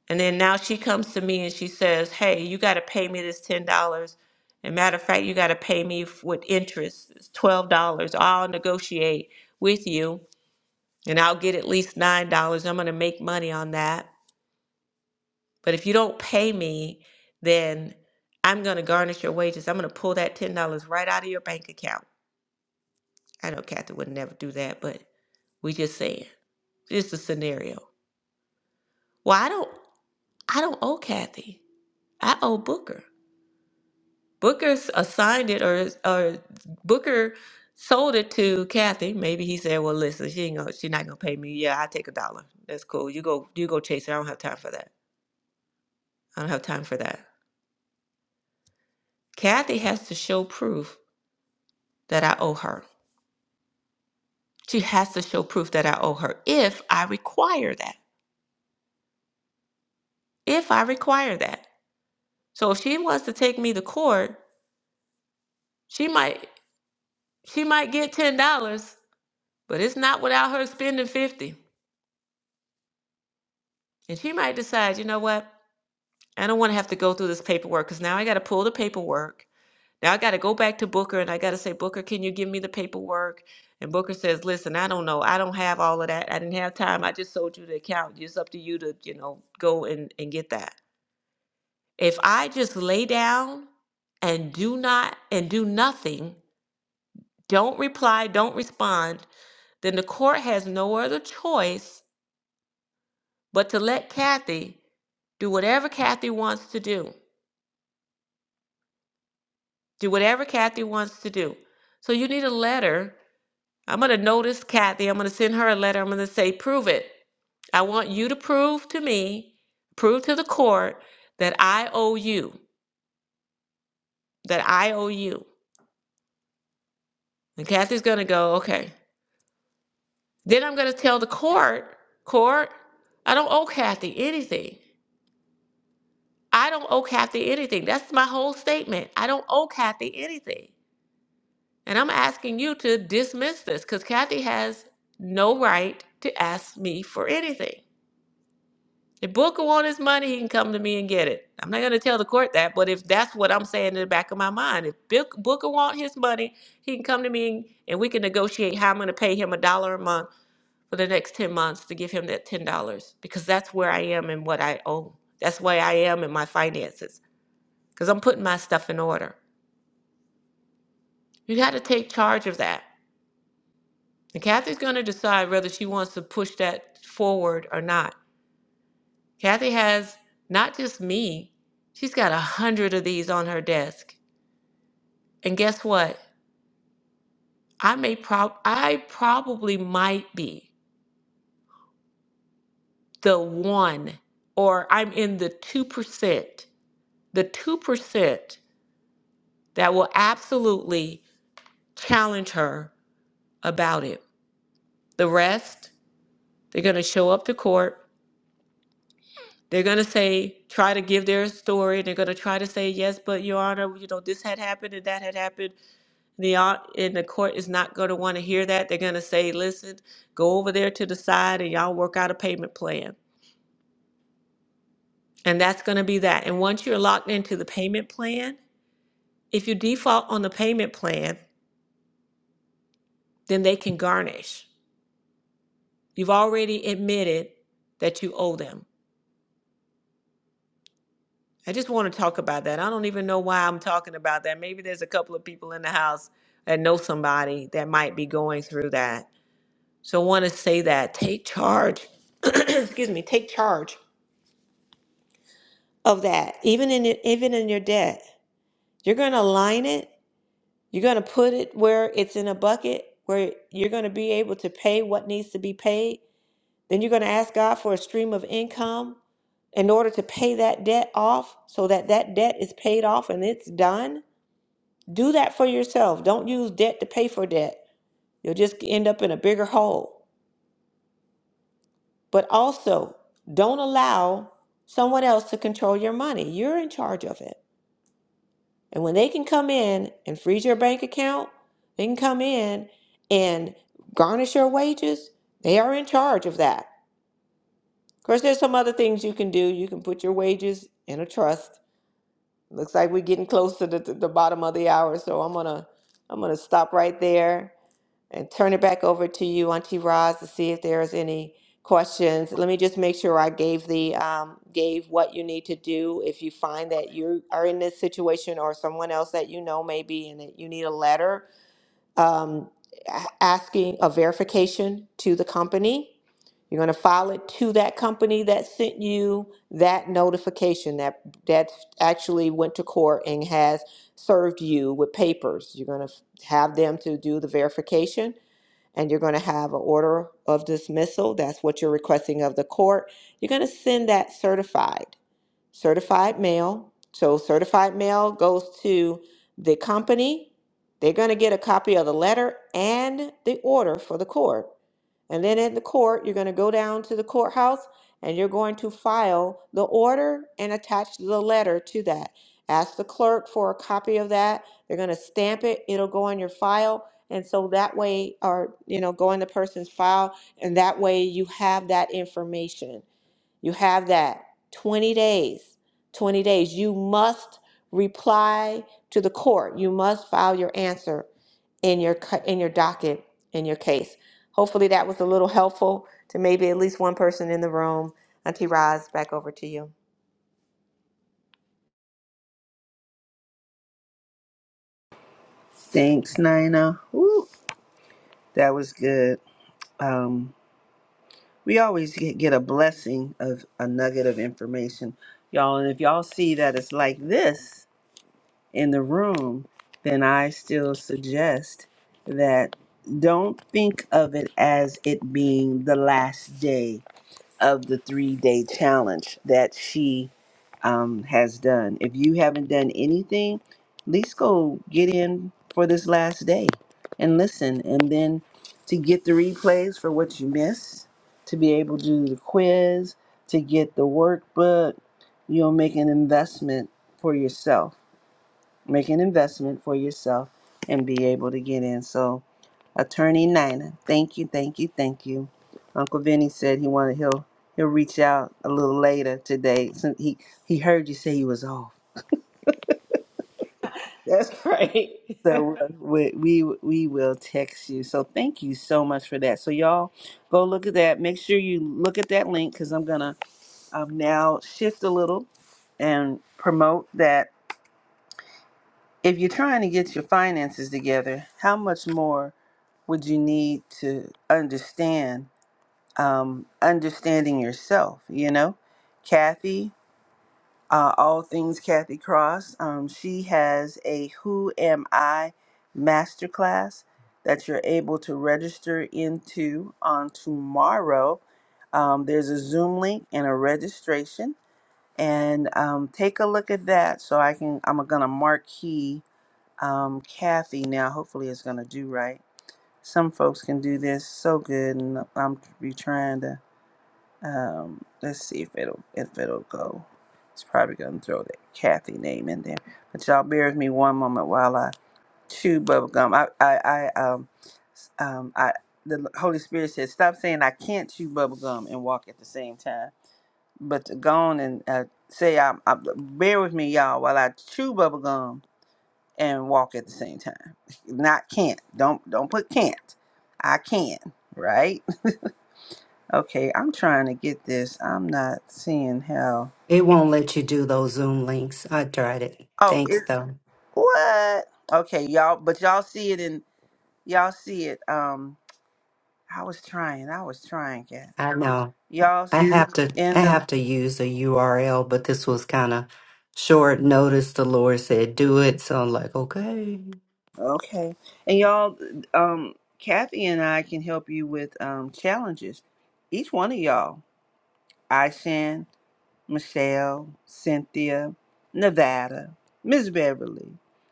Speaker 4: And then now she comes to me and she says, Hey, you got to pay me this $10. And matter of fact, you got to pay me f- with interest, it's $12. I'll negotiate with you and I'll get at least $9. I'm going to make money on that. But if you don't pay me, then I'm going to garnish your wages. I'm going to pull that $10 right out of your bank account. I know Kathy would never do that, but We just saying. it's a scenario. Well, I don't I don't owe Kathy. I owe Booker. Booker s- assigned it or or Booker sold it to Kathy. Maybe he said, Well listen, she ain't gonna she's not gonna pay me. Yeah, I take a dollar. That's cool. You go you go chase her. I don't have time for that. I don't have time for that. Kathy has to show proof that I owe her. She has to show proof that I owe her if I require that. If I require that. So if she wants to take me to court, she might. She might get ten dollars, but it's not without her spending fifty. And she might decide, you know what? I don't want to have to go through this paperwork because now I got to pull the paperwork. Now I got to go back to Booker and I got to say, Booker, can you give me the paperwork? And Booker says, listen, I don't know. I don't have all of that. I didn't have time. I just sold you the account. It's up to you to, you know, go and, and get that. If I just lay down and do not and do nothing, don't reply, don't respond, then the court has no other choice But to let Kathy do whatever Kathy wants to do, do whatever Kathy wants to do. So you need a letter. I'm going to notice Kathy. I'm going to send her a letter. I'm going to say, prove it. I want you to prove to me, prove to the court that I owe you, that I owe you. And Kathy's going to go, okay. Then I'm going to tell the court, court, I don't owe Kathy anything. I don't owe Kathy anything. That's my whole statement. I don't owe Kathy anything. And I'm asking you to dismiss this because Kathy has no right to ask me for anything. If Booker wants his money, he can come to me and get it. I'm not going to tell the court that, but if that's what I'm saying in the back of my mind, if Bill- Booker wants his money, he can come to me and and we can negotiate how I'm going to pay him a dollar a month for the next 10 months to give him that $10 because that's where I am and what I owe. That's where I am in my finances because I'm putting my stuff in order. You got to take charge of that. And Kathy's going to decide whether she wants to push that forward or not. Kathy has not just me, she's got a hundred of these on her desk. And guess what? I may prob I probably might be the one, or I'm in the two percent, the two percent that will absolutely challenge her about it. The rest, they're gonna show up to court They're going to say, try to give their story. They're going to try to say, yes, but Your Honor, you know, this had happened and that had happened. The, hon- and the court is not going to want to hear that. They're going to say, listen, go over there to the side and y'all work out a payment plan. And that's going to be that. And once you're locked into the payment plan, if you default on the payment plan, then they can garnish. You've already admitted that you owe them. I just want to talk about that. I don't even know why I'm talking about that. Maybe there's a couple of people in the house that know somebody that might be going through that. So I want to say that take charge. *clears throat* Excuse me, take charge of that. Even in your, even in your debt, you're going to align it. You're going to put it where it's in a bucket where you're going to be able to pay what needs to be paid. Then you're going to ask God for a stream of income in order to pay that debt off so that that debt is paid off and it's done Do that for yourself. Don't use debt to pay for debt. You'll just end up in a bigger hole. But also, don't allow someone else to control your money. You're in charge of it. And when they can come in and freeze your bank account, they can come in and garnish your wages. They are in charge of that. Of course, there's some other things you can do. You can put your wages in a trust. Looks like we're getting close to the, the bottom of the hour, so I'm gonna I'm gonna stop right there. and turn it back over to you, Auntie Roz, to see if there's any questions. Let me just make sure I gave the, um, gave what you need to do if you find that you are in this situation or someone else that you know may be in it. You need a letter, um, a- asking a verification to the company. You're gonna file it to that company that sent you that notification that, that actually went to court and has served you with papers. You're gonna have them to do the verification and you're going to have an order of dismissal. That's what you're requesting of the court. You're going to send that certified certified mail. So certified mail goes to the company. They're going to get a copy of the letter and the order for the court. And then in the court, you're going to go down to the courthouse and you're going to file the order and attach the letter to that. Ask the clerk for a copy of that. They're going to stamp it. It'll go in your file. And so that way, or, you know, go in the person's file. And that way you have that information. You have that 20 days. 20 days. You must reply to the court. You must file your answer in your cu- in your docket in your case. Hopefully that was a little helpful to maybe at least one person in the room. Auntie Roz, back over to you.
Speaker 1: thanks nina Woo. That was good. Um, we always get, get a blessing of a nugget of information, y'all. And if y'all see that it's like this in the room, then I still suggest that don't think of it as it being the last day of the three day challenge that she um, has done. If you haven't done anything, at least go get in for this last day and listen. And then to get the replays for what you missed, to be able to do the quiz, to get the workbook, you'll make an investment for yourself make an investment for yourself and be able to get in. So, Attorney Nina, thank you, thank you, thank you. Uncle Vinny said he wanted he'll he'll reach out a little later today since he he heard you say you was off.
Speaker 4: That's great. *laughs*
Speaker 1: So uh, we we we will text you. So thank you so much for that. So y'all go look at that. Make sure you look at that link because I'm gonna um, now shift a little and promote that. If you're trying to get your finances together, how much more? would you need to understand um, understanding yourself you know kathy uh, all things kathy cross um, she has a who am i masterclass that you're able to register into on tomorrow um, there's a zoom link and a registration and um, take a look at that so i can i'm gonna marquee um, kathy now hopefully it's gonna do right some folks can do this so good, and I'm be trying to. Um, let's see if it'll if it'll go. It's probably gonna throw that Kathy name in there, but y'all bear with me one moment while I chew bubble gum. I I, I um s- um I the Holy Spirit said stop saying I can't chew bubble gum and walk at the same time, but to go on and uh, say I, I bear with me y'all while I chew bubble gum and walk at the same time. *laughs* Not can't. Don't don't put can't. I can, right? Okay, I'm trying to get this. I'm not seeing how.
Speaker 5: It won't let you do those Zoom links. I tried it.
Speaker 1: Oh, it
Speaker 5: Thanks, though.
Speaker 1: what? Okay, y'all, but y'all see it in y'all see it. Um, I was trying. I was trying, Kat.
Speaker 5: I know.
Speaker 1: Y'all
Speaker 5: I
Speaker 1: see
Speaker 5: have
Speaker 1: it
Speaker 5: to
Speaker 1: in
Speaker 5: I
Speaker 1: the
Speaker 5: have to use a URL, but this was kind of short notice. The Lord said, "Do it," so I'm like, "Okay."
Speaker 1: okay, and y'all, um, Kathy and I can help you with um challenges. Each one of y'all, Aishan. Michelle, Cynthia, Nevada, Miss Beverly,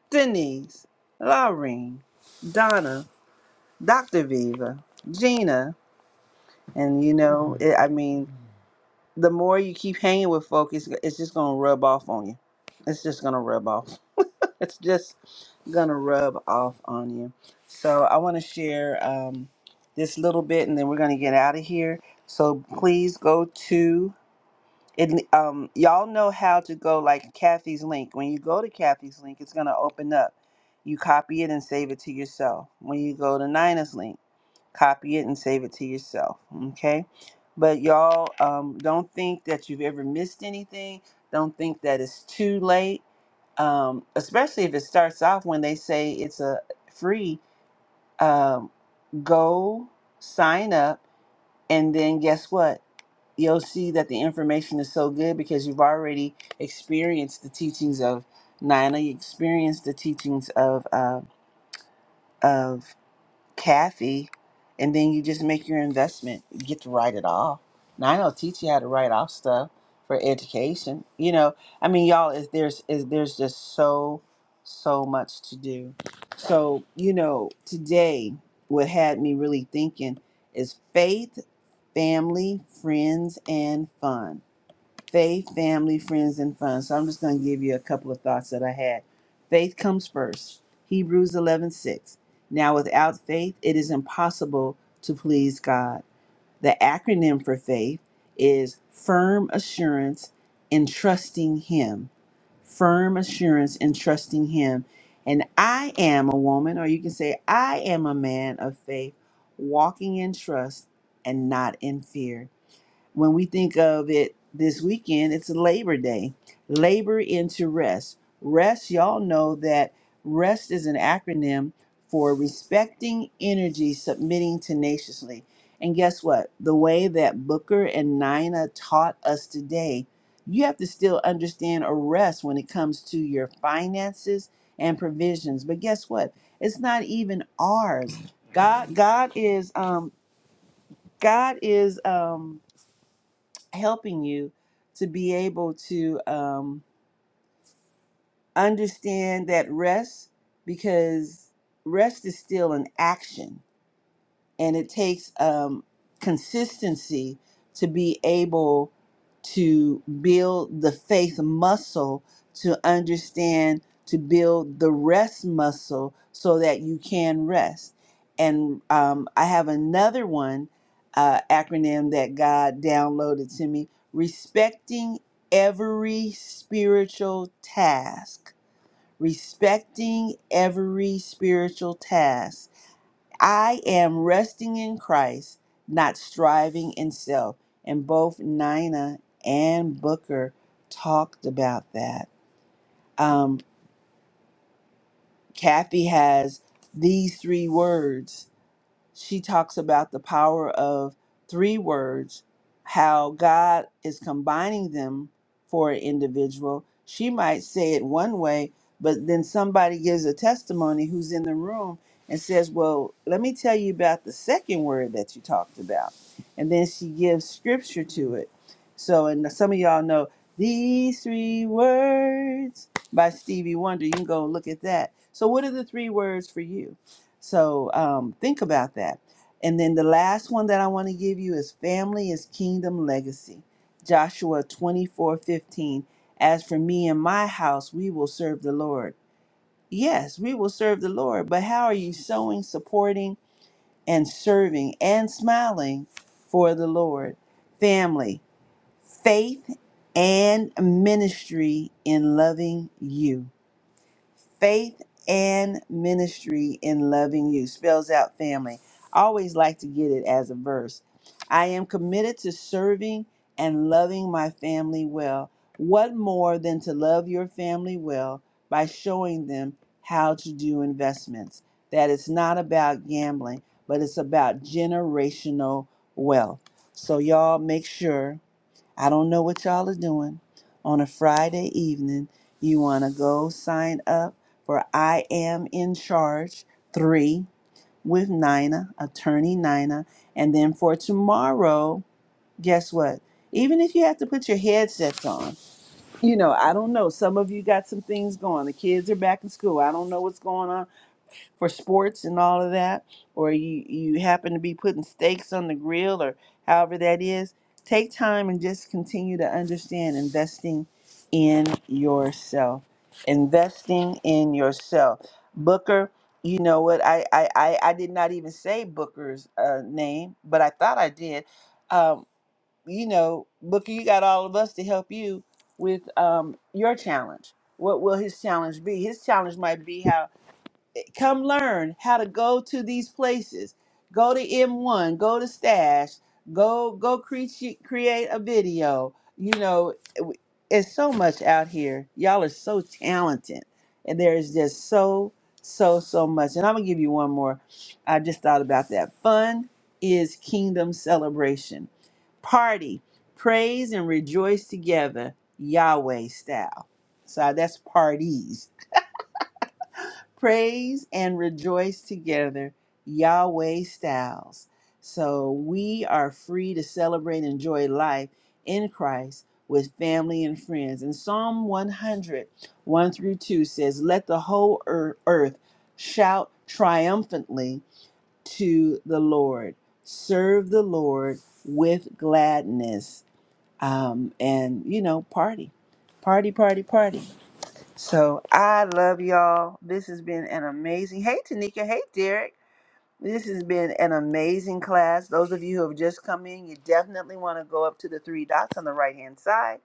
Speaker 1: Denise, Laureen, Donna, Dr. Viva, Gina, and you know, it, I mean, the more you keep hanging with folk, it's, it's just gonna rub off on you. It's just gonna rub off. *laughs* It's just gonna rub off on you. So I want to share um, this little bit, and then we're gonna get out of here. So please go to it um y'all know how to go like Kathy's link. When you go to Kathy's link, it's gonna open up. You copy it and save it to yourself. When you go to Nina's link, copy it and save it to yourself. Okay? But y'all um don't think that you've ever missed anything. Don't think that it's too late. Um, especially if it starts off when they say it's a free um go sign up and then guess what? you'll see that the information is so good because you've already experienced the teachings of Nina, you experienced the teachings of uh, of Kathy, and then you just make your investment. You get to write it off. Nina will teach you how to write off stuff for education. You know, I mean, y'all, is there's is there's just so so much to do. So you know, today what had me really thinking is faith, family, friends, and fun faith, family, friends, and fun. So I'm just going to give you a couple of thoughts that I had. Faith comes first. Hebrews 11:6. Now without faith it is impossible to please God. The acronym for faith is firm assurance in trusting him. Firm assurance in trusting him. And I am a woman or you can say I am a man of faith walking in trust and not in fear when we think of it this weekend, it's Labor Day. Labor into rest. Rest, y'all know that rest is an acronym for respecting energy, submitting tenaciously. And guess what? The way that Booker and Nina taught us today, you have to still understand a rest when it comes to your finances and provisions. But guess what? It's not even ours. God, God is, um, God is, um, helping you to be able to um, understand that rest because rest is still an action and it takes um, consistency to be able to build the faith muscle to understand to build the rest muscle so that you can rest and um, i have another one uh, acronym that god downloaded to me respecting every spiritual task respecting every spiritual task I am resting in Christ, not striving in self. And both Nina and Booker talked about that. Um, Kathy has these three words she talks about the power of three words, how God is combining them for an individual. She might say it one way, but then somebody gives a testimony who's in the room and says, Well, let me tell you about the second word that you talked about. And then she gives scripture to it. So, and some of y'all know these three words by Stevie Wonder. You can go look at that. So, what are the three words for you? So um, think about that. And then the last one that I want to give you is family is kingdom legacy. Joshua 24 15. As for me and my house, we will serve the Lord. Yes, we will serve the Lord, but how are you sowing, supporting, and serving and smiling for the Lord? Family, faith, and ministry in loving you. Faith and ministry in loving you spells out family. I always like to get it as a verse. I am committed to serving and loving my family well. What more than to love your family well by showing them how to do investments? That it's not about gambling, but it's about generational wealth. So, y'all make sure. I don't know what y'all are doing. On a Friday evening, you want to go sign up for I Am in Charge 3 with Nina, attorney Nina. And then for tomorrow, guess what? Even if you have to put your headsets on, you know, I don't know. Some of you got some things going. The kids are back in school. I don't know what's going on for sports and all of that, or you, you happen to be putting steaks on the grill or however that is, take time and just continue to understand investing in yourself. Investing in yourself. Booker, you know what? I, I, I, I did not even say Booker's uh, name, but I thought I did. Um, you know, Booker, you got all of us to help you with um, your challenge. What will his challenge be? His challenge might be how come learn how to go to these places. Go to M1, go to Stash, go go create create a video. You know, w- it's so much out here. Y'all are so talented, and there is just so so so much. And I'm gonna give you one more. I just thought about that. Fun is kingdom celebration, party, praise and rejoice together, Yahweh style. So that's parties praise and rejoice together, Yahweh styles. So we are free to celebrate and enjoy life in Christ with family and friends. And Psalm one hundred one through 2 says, Let the whole ear- earth shout triumphantly to the Lord. Serve the Lord with gladness. Um, and, you know, party, party, party, party. So I love y'all. This has been an amazing. Hey, Tanika. Hey, Derek. This has been an amazing class. Those of you who have just come in, you definitely want to go up to the three dots on the right hand side.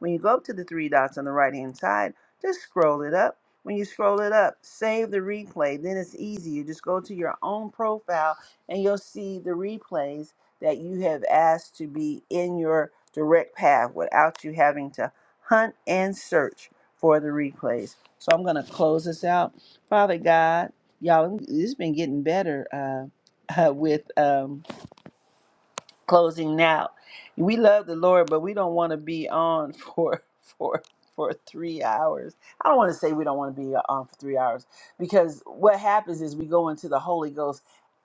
Speaker 1: When you go up to the three dots on the right hand side, just scroll it up. When you scroll it up, save the replay. Then it's easy. You just go to your own profile and you'll see the replays that you have asked to be in your direct path without you having to hunt and search for the replays. So I'm going to close this out. Father God, y'all it's been getting better uh, *laughs* uh with um closing now we love the lord but we don't want to be on *laughs* for for for three hours i don't want to say we don't want to be on for three hours because what happens is we go into the holy ghost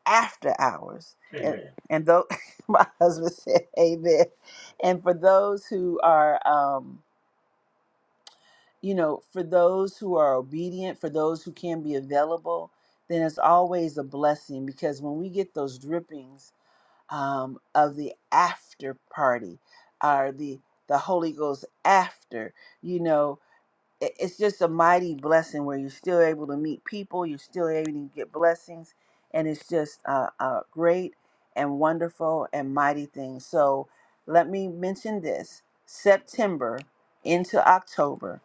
Speaker 1: after hours and, Amen. and though *laughs* my husband said amen and for those who are um you know, for those who are obedient, for those who can be available, then it's always a blessing because when we get those drippings um, of the after party or the the Holy Ghost after, you know it- it's just a mighty blessing where you're still able to meet people, you're still able to get blessings, and it's just a, a great and wonderful and mighty thing. So let me mention this September into October,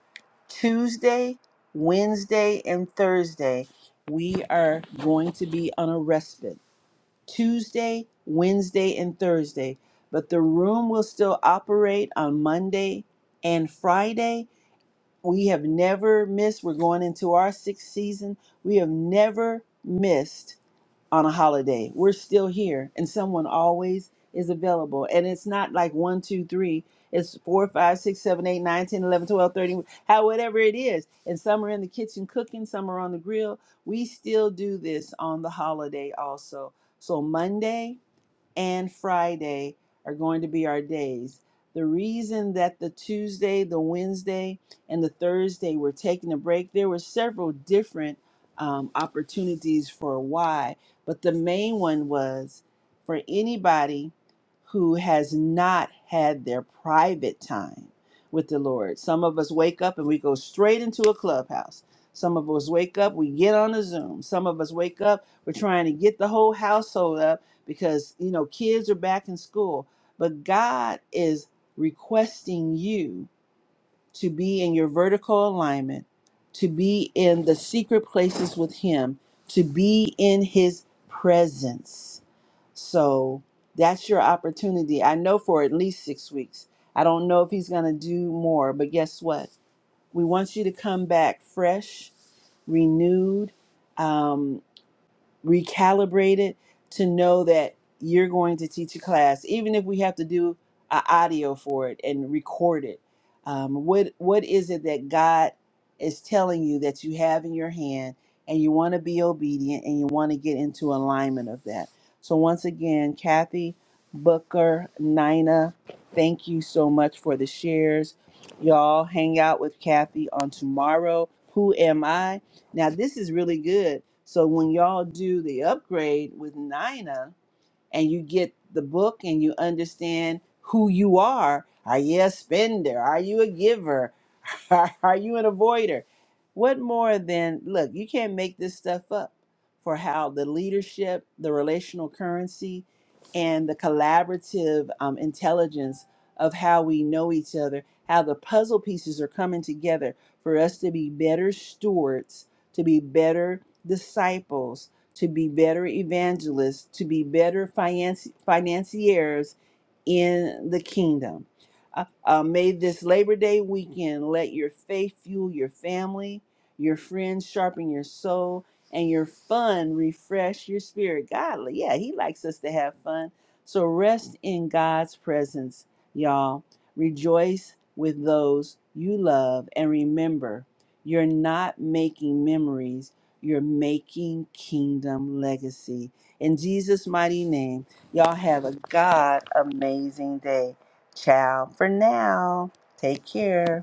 Speaker 1: Tuesday, Wednesday, and Thursday, we are going to be on a respite. Tuesday, Wednesday, and Thursday, but the room will still operate on Monday and Friday we have never missed. We're going into our sixth season. We have never missed on a holiday. We're still here, and someone always is available. And it's not like one, two, three. It's four, five, six, seven, eight, nine, ten, eleven, twelve, thirteen, how whatever it is. And some are in the kitchen cooking, some are on the grill. We still do this on the holiday also. So Monday, and Friday are going to be our days. The reason that the Tuesday, the Wednesday, and the Thursday were taking a break, there were several different um, opportunities for why, but the main one was for anybody who has not had their private time with the Lord. Some of us wake up and we go straight into a clubhouse. Some of us wake up, we get on a Zoom. Some of us wake up, we're trying to get the whole household up because you know kids are back in school but god is requesting you to be in your vertical alignment to be in the secret places with him to be in his presence so that's your opportunity i know for at least six weeks i don't know if he's going to do more but guess what we want you to come back fresh renewed Um, recalibrated to know that you're going to teach a class, even if we have to do a audio for it and record it. Um, what what is it that God is telling you that you have in your hand, and you want to be obedient and you want to get into alignment of that? So once again, Kathy, Booker, Nina, thank you so much for the shares. Y'all hang out with Kathy on tomorrow. Who am I? Now this is really good. So when y'all do the upgrade with Nina, and you get the book and you understand who you are. Are you a spender? Are you a giver? *laughs* Are you an avoider? What more than look, you can't make this stuff up for how the leadership, the relational currency, and the collaborative um, intelligence of how we know each other, how the puzzle pieces are coming together for us to be better stewards, to be better disciples, to be better evangelists, to be better financi- financiers in the kingdom. Uh, uh, may this Labor Day weekend let your faith fuel your family, your friends sharpen your soul, and your fun refresh your spirit. Godly, yeah, He likes us to have fun. So rest in God's presence, y'all. Rejoice with those you love, and remember, you're not making memories. You're making kingdom legacy. In Jesus' mighty name, y'all have a God amazing day. Ciao for now. Take care.